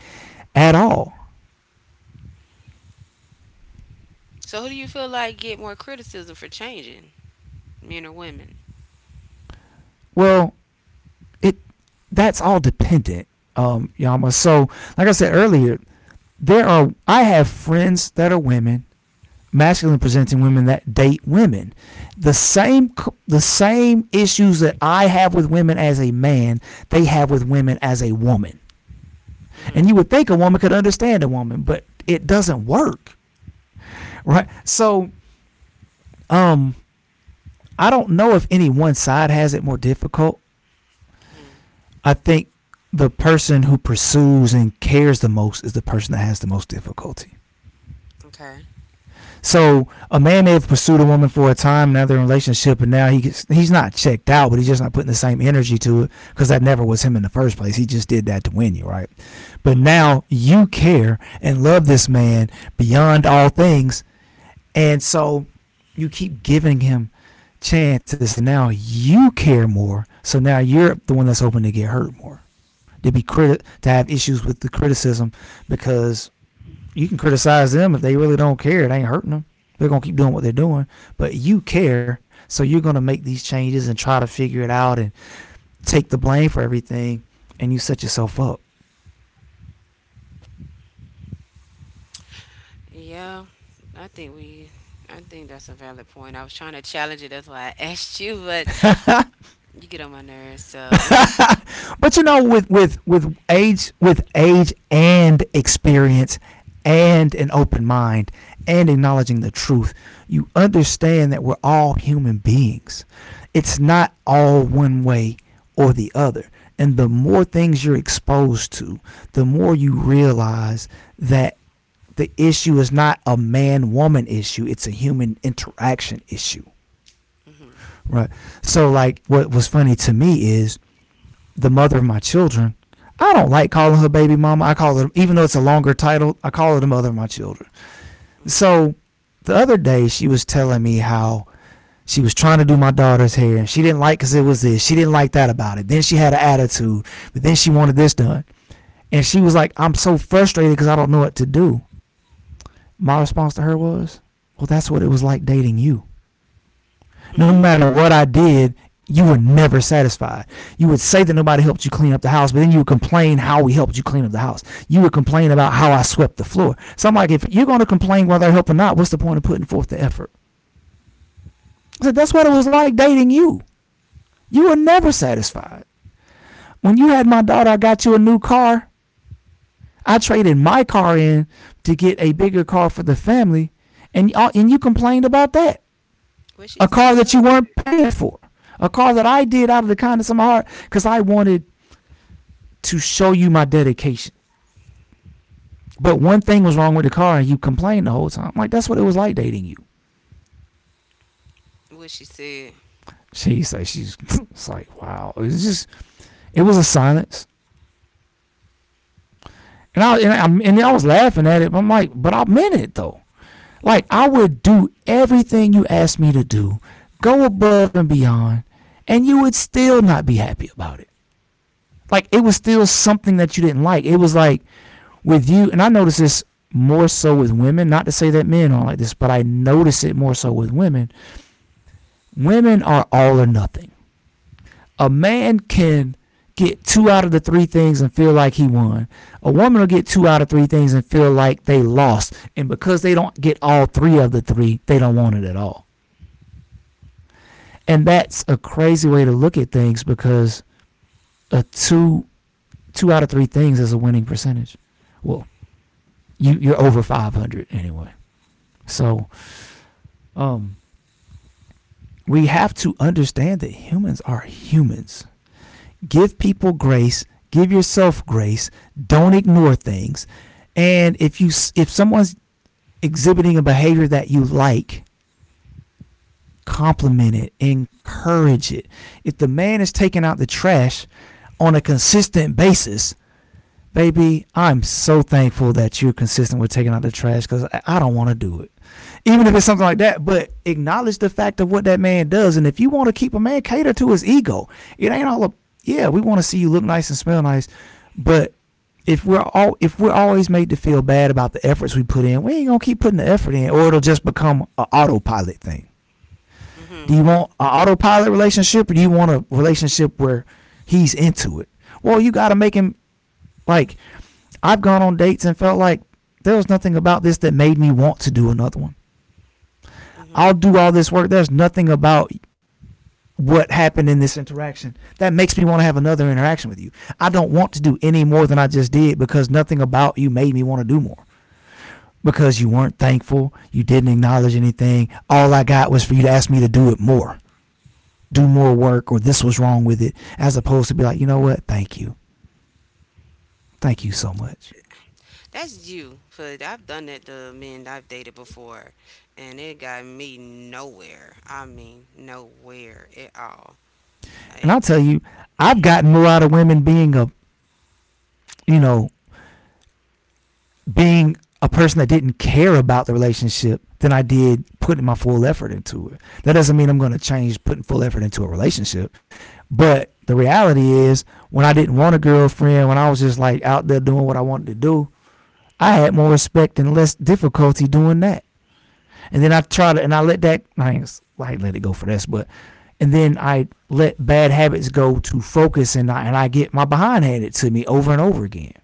at all.
So, who do you feel like get more criticism for changing, men or women?
Well, it that's all dependent, um, Yama. So like I said earlier, there are I have friends that are women, masculine presenting women that date women. The same the same issues that I have with women as a man, they have with women as a woman.
Hmm.
And you would think a woman could understand a woman, but it doesn't work, right? So um I don't know if any one side has it more difficult.
Hmm.
I think the person who pursues and cares the most is the person that has the most difficulty.
Okay.
So a man may have pursued a woman for a time, now they're in a relationship, and now he gets, he's not checked out, but he's just not putting the same energy to it because that never was him in the first place. He just did that to win you, right? But
Hmm.
now you care and love this man beyond all things, and so you keep giving him chances, and now you care more. So now you're the one that's hoping to get hurt more, to be criti- to have issues with the criticism because you can criticize them if they really don't care. It ain't hurting them. They're gonna keep doing what they're doing, but you care, so you're gonna make these changes and try to figure it out and take the blame for everything, and you set yourself up.
Yeah, I think we. I think that's a valid point. I was trying to challenge it. That's why I asked you, but you get on my nerves. So,
But you know, with with with age, with age and experience, and an open mind, and acknowledging the truth, you understand that we're all human beings. It's not all one way or the other. And the more things you're exposed to, the more you realize that the issue is not a man woman issue, it's a human interaction issue.
hmm.
Right. So, like, what was funny to me is the mother of my children. I don't like calling her baby mama. I call her, even though it's a longer title, I call her the mother of my children. So the other day, she was telling me how she was trying to do my daughter's hair and she didn't like because it was this. She didn't like that about it. Then she had an attitude, but then she wanted this done. And she was like, I'm so frustrated because I don't know what to do. My response to her was, well, that's what it was like dating you. No matter
Hmm.
what I did, you were never satisfied. You would say that nobody helped you clean up the house, but then you would complain how we helped you clean up the house. You would complain about how I swept the floor. So I'm like, if you're going to complain whether I help or not, what's the point of putting forth the effort? I said, that's
Hmm.
what
What
it
she,
was like dating you. You were never satisfied. When you had my daughter, I got you a new car. I traded my car in to get a bigger car for the family, and, uh, and you complained about that.
what she
A
said
car
was
that
wrong
you
with
weren't
it.
paying for, a car that I did out of the kindness of my heart because I wanted to show you my dedication. But one thing was wrong with the car, and you complained the whole time. Like that's what it was like dating you.
What she said.
She said she's it's like wow. It's just it was a silence, and I and I, and I was laughing at it. I'm like, but I meant it though. Like I would do everything you asked me to do, go above and beyond, and you would still not be happy about it. Like it was still something that you didn't like. It was like with you, and I notice this more so with women, not to say that men aren't like this, but I notice it more so with women. Women are all or nothing. A man can get two out of the three things and feel like he won. A woman will get two out of three things and feel like they lost. And because they don't get all three of the three, they don't want it at all. And that's a crazy way to look at things because a two two out of three things is a winning percentage. Well, you you're over five hundred anyway. So, um we have to understand that humans are humans. Give people grace, give yourself grace, don't ignore things. And if you if someone's exhibiting a behavior that you like, compliment it, encourage it. If the man is taking out the trash on a consistent basis, baby, I'm so thankful that you're consistent with taking out the trash because I don't want to do it. Even if it's something like that, but acknowledge the fact of what that man does. And if you want to keep a man, cater to his ego. It ain't all a, yeah, we want to see you look nice and smell nice, but if we're all if we're always made to feel bad about the efforts we put in, we ain't gonna keep putting the effort in, or it'll just become an autopilot thing. Do
Hmm.
you want an autopilot relationship, or do you want a relationship where he's into it? Well, you gotta make him like I've gone on dates and felt like there was nothing about this that made me want to do another one. I'll
Hmm.
do all this work. There's nothing about what happened in this interaction that makes me want to have another interaction with you. I don't want to do any more than I just did because nothing about you made me want to do more. Because you weren't thankful, you didn't acknowledge anything. All I got was for you to ask me to do it more, do more work, or this was wrong with it, as opposed to be like, you know what? Thank you. Thank you so much.
That's you. But I've done that to men I've dated before, and it got me nowhere. I mean, nowhere at all.
And
Like,
I'll tell you, I've gotten more out of women being a, you know, being a person that didn't care about the relationship than I did putting my full effort into it. That doesn't mean I'm going to change putting full effort into a relationship. But the reality is, when I didn't want a girlfriend, when I was just like out there doing what I wanted to do, I had more respect and less difficulty doing that. And then I try to, and I let that, I ain't like let it go for this, but, and then I let bad habits go to focus and I, and I get my behind handed to me over and over again.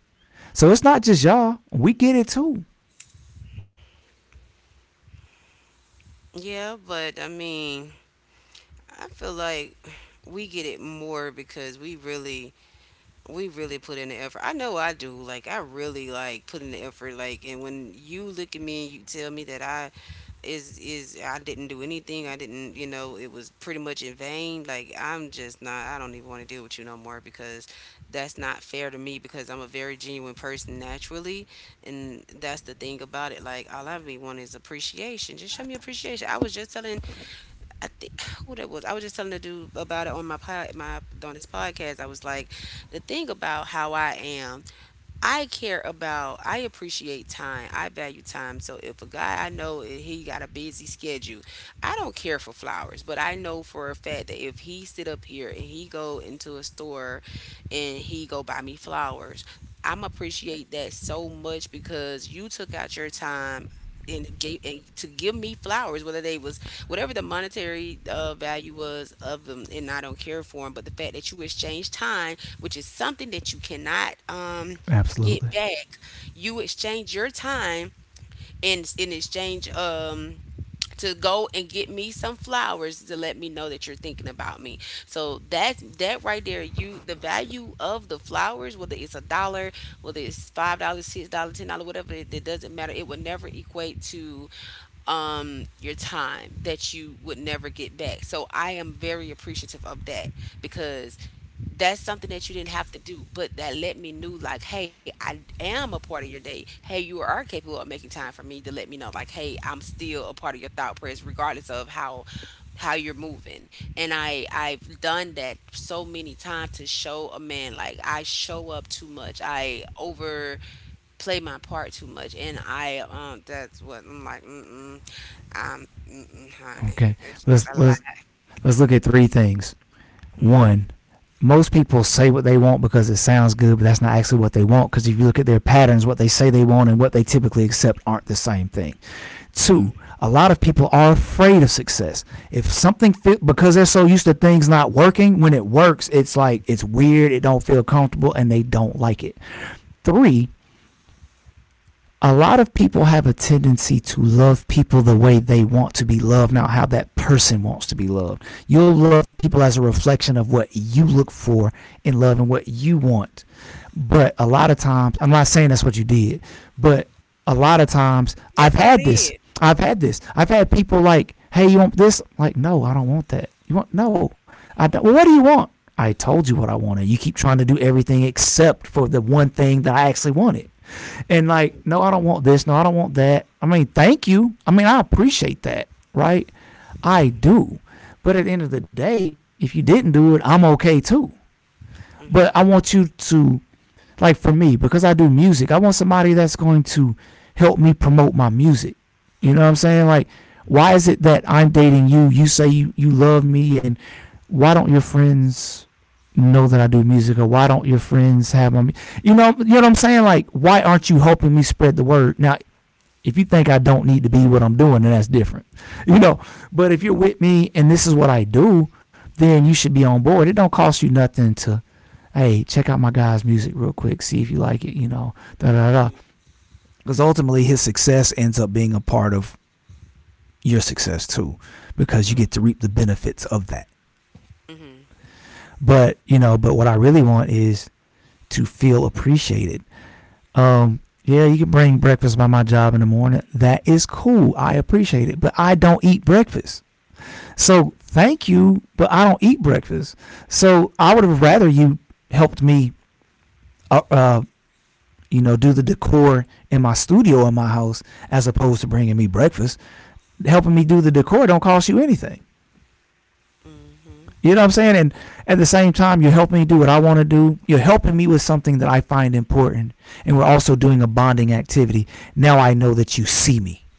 So it's not just y'all, we get it too.
yeah, but I mean, I feel like we get it more because we really we really put in the effort. I know I do. Like I really like put in the effort like and when you look at me and you tell me that I is is I didn't do anything. I didn't, you know, it was pretty much in vain. Like I'm just not I don't even want to deal with you no more because that's not fair to me because I'm a very genuine person naturally and that's the thing about it. Like all I really want is appreciation. Just show me appreciation. I was just telling I think who that was. I was just telling the dude about it on my pod my on his podcast. I was like, the thing about how I am, I care about, I appreciate time. I value time. So if a guy I know eh, he got a busy schedule, I don't care for flowers, but I know for a fact that if he sit up here and he go into a store and he go buy me flowers, I'm appreciate that so much because you took out your time and gave and to give me flowers, whether they was whatever the monetary uh, value was of them, and I don't care for them. But the fact that you exchange time, which is something that you cannot um get
Absolutely.
back, you exchange your time in in exchange um to go and get me some flowers to let me know that you're thinking about me. So that's that right there. You The value of the flowers, whether it's a dollar, whether it's five dollars, six dollars, ten dollars, whatever, it, it doesn't matter. It would never equate to um your time that you would never get back. So I am very appreciative of that because that's something that you didn't have to do, but that let me know, like, hey, I am a part of your day. Hey, you are capable of making time for me to let me know, like, hey, I'm still a part of your thought press, regardless of how how you're moving. And I I've done that so many times to show a man like I show up too much. I overplay my part too much, and I um that's what I'm like. Mm mm. Um, mm mm, honey,
Okay.
it's just
Let's
a lot.
let's let's look at three things. One, most people say what they want because it sounds good, but that's not actually what they want. Because if you look at their patterns, what they say they want and what they typically accept aren't the same thing. Two,
Mm.
a lot of people are afraid of success. If something fit because they're so used to things not working, when it works, it's like it's weird, it don't feel comfortable, and they don't like it. Three, a lot of people have a tendency to love people the way they want to be loved, not how that person wants to be loved. You'll love people as a reflection of what you look for in love and what you want. But a lot of times, I'm not saying that's what you did, but a lot of times I've
That's what I
had this.
did.
I've had this. I've had people like, hey, you want this? I'm like, no, I don't want that. You want, no. I don't. Well, what do you want? I told you what I wanted. You keep trying to do everything except for the one thing that I actually wanted and like,
Hmm.
no, I don't want this. No, I don't want that. I mean, thank you. I mean, I appreciate that, right? I
Hmm.
do. But at the end of the day, if you didn't do it, I'm okay too. But
Hmm.
I want you to like for me because I do music, I want somebody that's going to help me promote my music. You know what I'm
Hmm.
saying? Like, why is it that I'm dating you? You say you, you love me, and why don't your friends know that I do music, or why don't your friends have my? Mu- You know, you know what I'm saying? Like, why aren't you helping me spread the word? Now, if you think I don't need to be what I'm doing, then that's different. You know, but if you're with me and this is what I do, then you should be on board. It don't cost you nothing to hey, check out my guy's music real quick, see if you like it, you know, da da da. Because ultimately, his success ends up being a part of your success too, because you get to reap the benefits of that. But, you know, but what I really want is to feel appreciated. Um, yeah, you can bring breakfast by my job in the morning. That is cool. I appreciate it. But I don't eat breakfast. So thank you, but I don't eat breakfast. So I would have rather you helped me uh, uh, you know, do the decor in my studio in my house as opposed to bringing me breakfast. Helping me do the decor don't cost you anything. You know what I'm saying? And at the same time, you're helping me do what I want to do. You're helping me with something that I find important. And we're also doing a bonding activity. Now I know that you see me.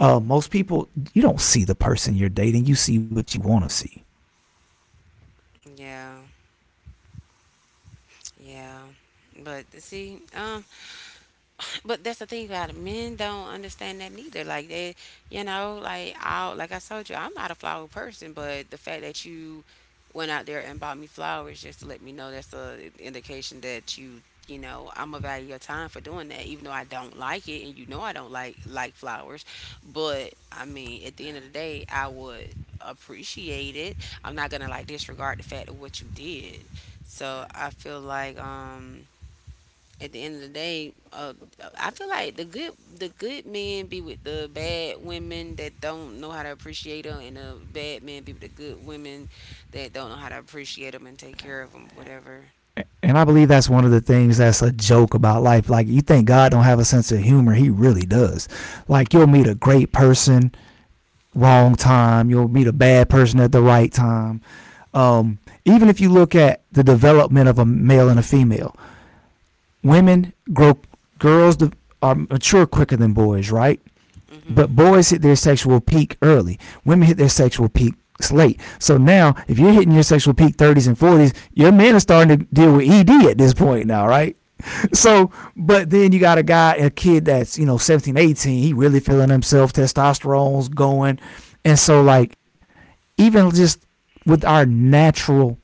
Uh, most people, you don't see the person you're dating, you see what you want to see.
Yeah, yeah. But see, um, but that's the thing about it. Men don't understand that neither. Like they, you know, like I, like I told you, I'm not a flower person. But the fact that you went out there and bought me flowers just to let me know, that's a indication that you, you know, I'm gonna value your time for doing that, even though I don't like it, and you know I don't like like flowers. But I mean, at the end of the day, I would appreciate it. I'm not gonna like disregard the fact of what you did. So I feel like um at the end of the day, uh, I feel like the good the good men be with the bad women that don't know how to appreciate them, and the bad men be with the good women that don't know how to appreciate them and take care of them, whatever.
And I believe that's one of the things that's a joke about life. Like, you think God don't have a sense of humor. He really does. Like, you'll meet a great person wrong time. You'll meet a bad person at the right time. Um, even if you look at the development of a male and a female, women grow, girls are mature quicker than boys, right? But
Mhm.
boys hit their sexual peak early. Women hit their sexual peaks late. So now, if you're hitting your sexual peak thirties and forties, your men are starting to deal with E D at this point now, right?
Mhm.
So, but then you got a guy, a kid that's, you know, seventeen, eighteen. He really feeling himself, testosterone's going. And so, like, even just with our natural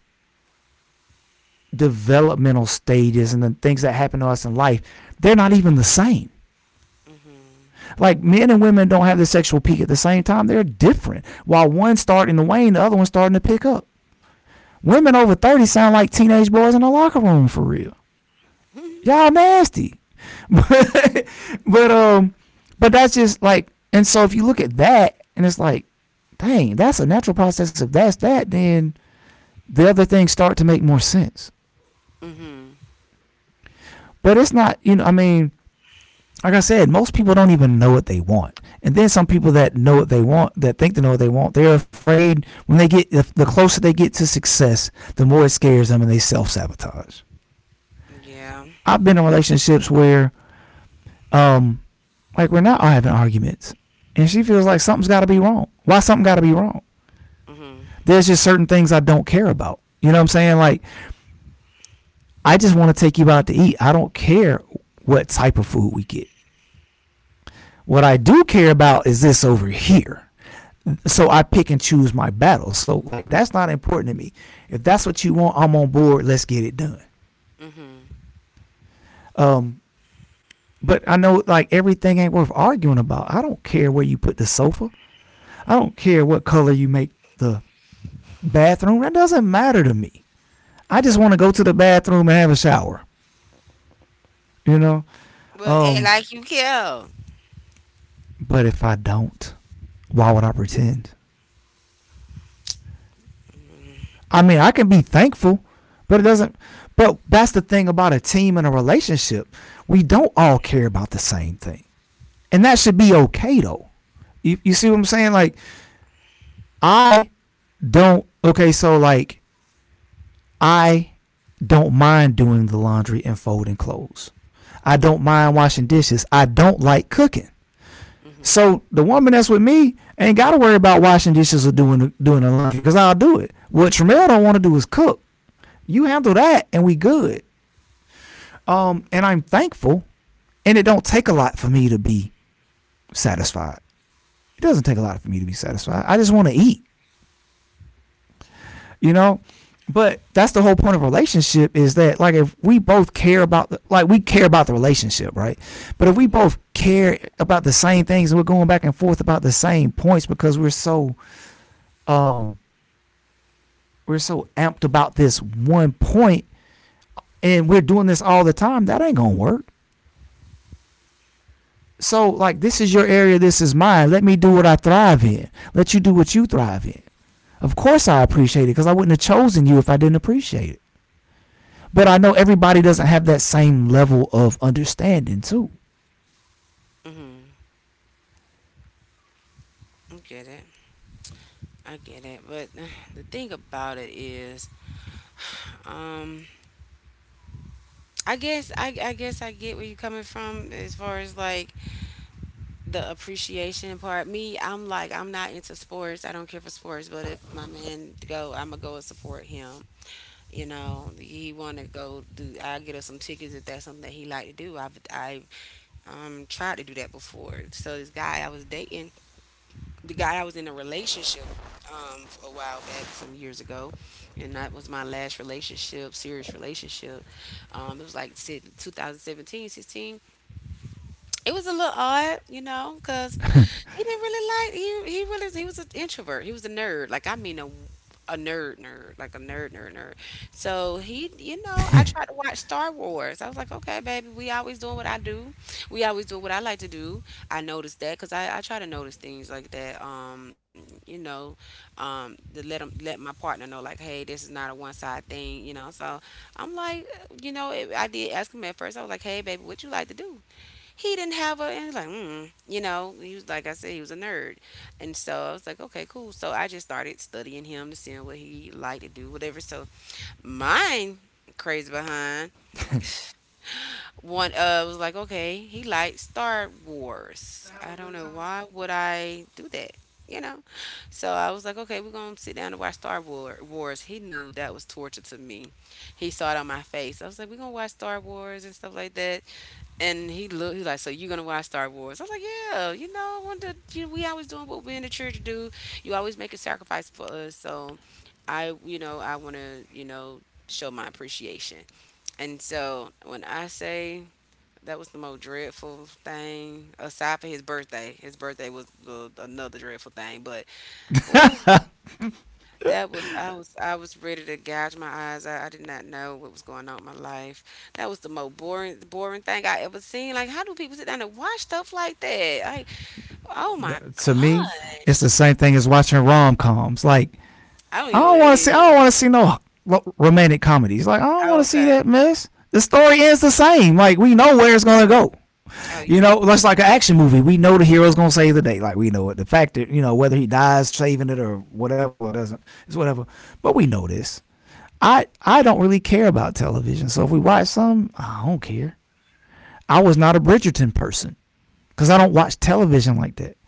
developmental stages and the things that happen to us in life, they're not even the same. Like men and women don't have the sexual peak at the same time, they're different. While one's starting to wane, the other one's starting to pick up. Women over thirty sound like teenage boys in the locker room, for real. Y'all nasty. But, but um but that's just like, and so if you look at that and it's like, dang, that's a natural process. If that's that, then the other things start to make more sense.
Mhm.
But it's not, you know, I mean, like I said, most people don't even know what they want. And then some people that know what they want, that think they know what they want, they're afraid when they get, the closer they get to success, the more it scares them and they self sabotage.
Yeah.
I've been in relationships where, um, like we're not having arguments and she feels like something's got to be wrong. Why something got to be wrong?
Mhm.
There's just certain things I don't care about. You know what I'm saying? Like, I just want to take you out to eat. I don't care what type of food we get. What I do care about is this over here. So I pick and choose my battle. So like that's not important to me. If that's what you want, I'm on board. Let's get it done.
Mhm.
Um, but I know like everything ain't worth arguing about. I don't care where you put the sofa. I don't care what color you make the bathroom. That doesn't matter to me. I just want to go to the bathroom and have a shower. You know.
But act
Um,
like you care.
but if I don't, why would I pretend? I mean, I can be thankful, but it doesn't. But that's the thing about a team and a relationship. We don't all care about the same thing. And that should be okay, though. You, you see what I'm saying? Like, I don't. Okay, so like, I don't mind doing the laundry and folding clothes. I don't
Mhm.
mind washing dishes. I don't like cooking.
Mhm.
So the woman that's with me ain't got to worry about washing dishes or doing doing the laundry because I'll do it. What Tramell don't want to do is cook. You handle that and we good. Um, and I'm thankful. And it don't take a lot for me to be satisfied. It doesn't take a lot for me to be satisfied. I just want to eat, you know? But that's the whole point of a relationship is that like if we both care about the, like we care about the relationship, right? But if we
Mhm.
both care about the same things and we're going back and forth about the same points because we're so um we're so amped about this one point and we're doing this all the time, that ain't gonna work. So, like, this is your area, this is mine. Let me do what I thrive in. Let you do what you thrive in. Of course, I appreciate it because I wouldn't have chosen you if I didn't appreciate it. But I know everybody doesn't have that same level of understanding, too.
Mhm. I get it. I get it. But the thing about it is, um. I guess I, I guess I get where you're coming from as far as like the appreciation part. Me, I'm like I'm not into sports. I don't care for sports, but if my man go, I'ma go and support him. You know, he wanna go do. I get us some tickets if that's something that he like to do. I've I um tried to do that before. So this guy I was dating, the guy I was in a relationship um a while back, some years ago, and that was my last relationship, serious relationship. Um, it was like si- twenty seventeen. It was a little odd, you know, because he didn't really like he he really he was an introvert. He was a nerd, like I mean a a nerd nerd, like a nerd nerd nerd. So he, you know, I tried to watch Star Wars. I was like, okay, baby, we always doing what I do. We always do what I like to do. I noticed that because I I try to notice things like that. Um, you know, um, to let let 'em- let my partner know like, hey, this is not a one side thing, you know. So I'm like, you know, it, I did ask him at first. I was like, hey, baby, what you like to do? He didn't have a, and he's like mm, you know, he was like I said he was a nerd, and so I was like, okay, cool. So I just started studying him to see what he liked to do, whatever. So mine crazy behind one uh was like, okay, he liked Star Wars. I don't know why would I do that, you know. So I was like, okay, we're gonna sit down and watch star War- Wars. He knew that was torture to me. He saw it on my face. I was like, we're gonna watch Star Wars and stuff like that. And he looked. He's like, "So you gonna watch Star Wars?" I was like, "Yeah, you know, one of the- you, we always doing what we in the church do. You always make a sacrifice for us. So, I, you know, I want to, you know, show my appreciation." And so when I say that was the most dreadful thing, aside from his birthday, his birthday was the, another dreadful thing. But ooh, that was, I was I was ready to gouge my eyes. I, I did not know what was going on in my life. That was the most boring boring thing I ever seen. Like, how do people sit down and watch stuff like that? Like, oh my
To me, it's the
gosh.
same thing as watching rom coms. Like,
I don't
I
even know
don't
what
want
that
to see, I don't
is.
want to see no romantic comedies. Like, I don't want
Oh,
to see
okay.
that mess. The story ends the same. Like, we know where it's going to go.
Oh you.
You know, that's like an action movie. We know the hero's gonna save the day. Like we know it. The fact that you know whether he dies saving it or whatever doesn't, it's whatever. But we know this. I I don't really care about television. So if we watch some, I don't care. I was not a Bridgerton person because I don't watch television like that.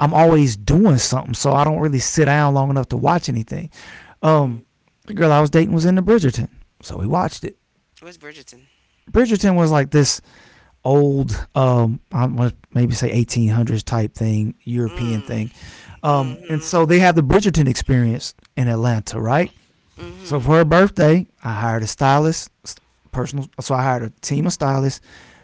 I'm always doing something, so I don't really sit down long enough to watch anything.
Mm
Um,
mhm.
the girl I was dating was into Bridgerton, so we watched it.
Where's Bridgerton?
Bridgerton was like this old, um, I want to maybe say eighteen hundreds type thing, European thing. Um, and so
Mm-hmm.
they have the Bridgerton experience in Atlanta, right? So for her birthday, I hired a stylist, personal. So I hired a team of stylists,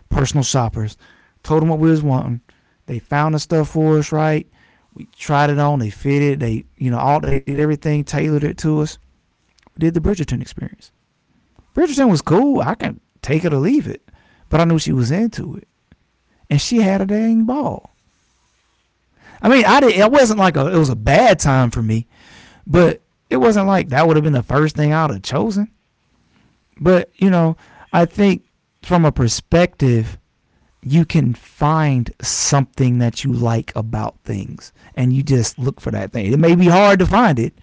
personal shoppers. Told them what we was wanting. They found the stuff for us, right? We tried it on. They fitted. They, you know, all they did everything, tailored it to us. We did the Bridgerton experience. Bridgerton was
Mm-hmm.
cool. I can take it or leave it, but I knew she was into it and she had a dang ball. I mean, I didn't. It wasn't like a. It was a bad time for me, but it wasn't like that would have been the first thing I'd have chosen. But you know, I think from a perspective, you can find something that you like about things, and you just look for that thing. It may be hard to find it,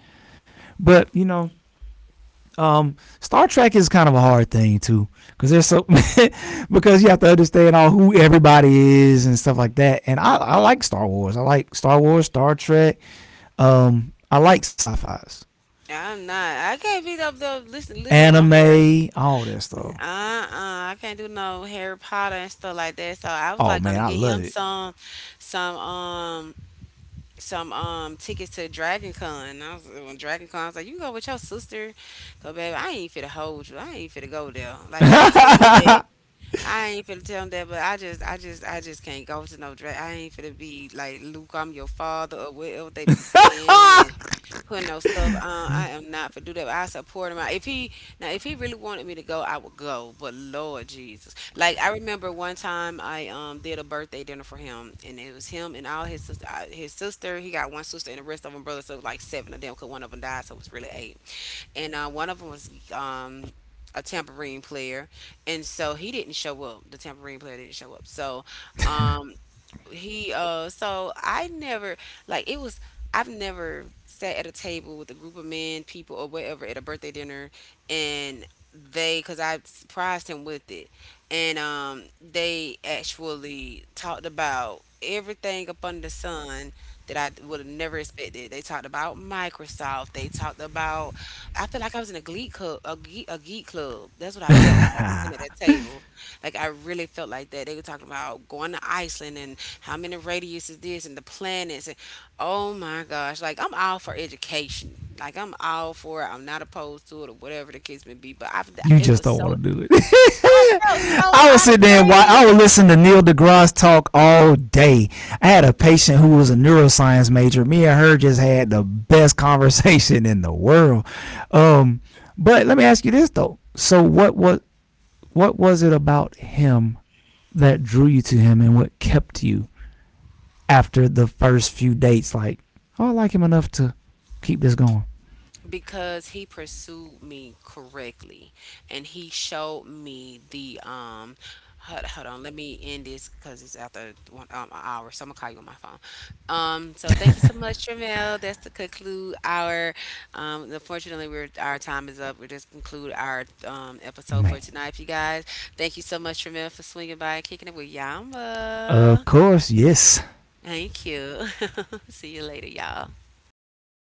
but you know. Um, Star Trek is kind of a hard thing too, because there's so because you have to understand all who everybody is and stuff like that. And I, I like Star Wars. I like Star Wars, Star Trek. Um, I like sci-fi's,
I'm not. I can't be up there listening, looking at no hair.
anime, all that stuff.
Uh uh I can't do no Harry Potter and stuff like that. So I was
Oh
like
man,
gonna
I
get him
love
some some um some um tickets to Dragon Con. I was when Dragon Con, I was like, "You go with your sister, go, baby. I ain't fit to hold you. I ain't fit to go there." Like I ain't tell you that. I ain't finna tell him that, but I just, I just, I just can't go to no drag. I ain't finna be like, "Luke, I'm your father," or whatever they be saying and
it.
putting no stuff on. I am not for do that. I support him. I, if he, now, if he really wanted me to go, I would go. But Lord Jesus, like I remember one time I um did a birthday dinner for him, and it was him and all his sister. uh, His sister, he got one sister, and the rest of them brothers. So it was like seven of them, cause one of them died, so it was really eight, and uh, one of them was um, a tambourine player, and so he didn't show up. The tambourine player didn't show up. So um, he uh so I never, like it was I've never sat at a table with a group of men, people or whatever at a birthday dinner and they, cuz I surprised him with it. And um they actually talked about everything up under the sun that I would have never expected. They talked about Microsoft. They talked about, I feel like I was in a glee club, a geek, a geek club. That's what I felt like sitting at that table. Like I really felt like that. They were talking about going to Iceland and how many radius is this and the planets and oh my gosh. Like I'm all for education. Like I'm all for it. I'm not opposed to it or whatever the case may be. But I,
You
it
just
was
don't
so
want to do it. I would
out of
sit there and watch,
praise.
I would listen to Neil deGrasse talk all day. I had a patient who was a neuroscience major. Me and her just had the best conversation in the world. Um, but let me ask you this though. So what was what was it about him that drew you to him and what kept you after the first few dates? Like, oh, I like him enough to keep this going.
Because he pursued me correctly and he showed me the um hold, hold on, let me end this because it's after one, um, an hour, so I'm gonna call you on my phone. Um so thank you so much, Tramel. That's to conclude our, um unfortunately we're, our time is up, we just conclude our um episode
Man.
for tonight, you guys. Thank you so much, Tramel, for swinging by and kicking it with
Of
yama.
course, yes.
Thank you. See you later, y'all.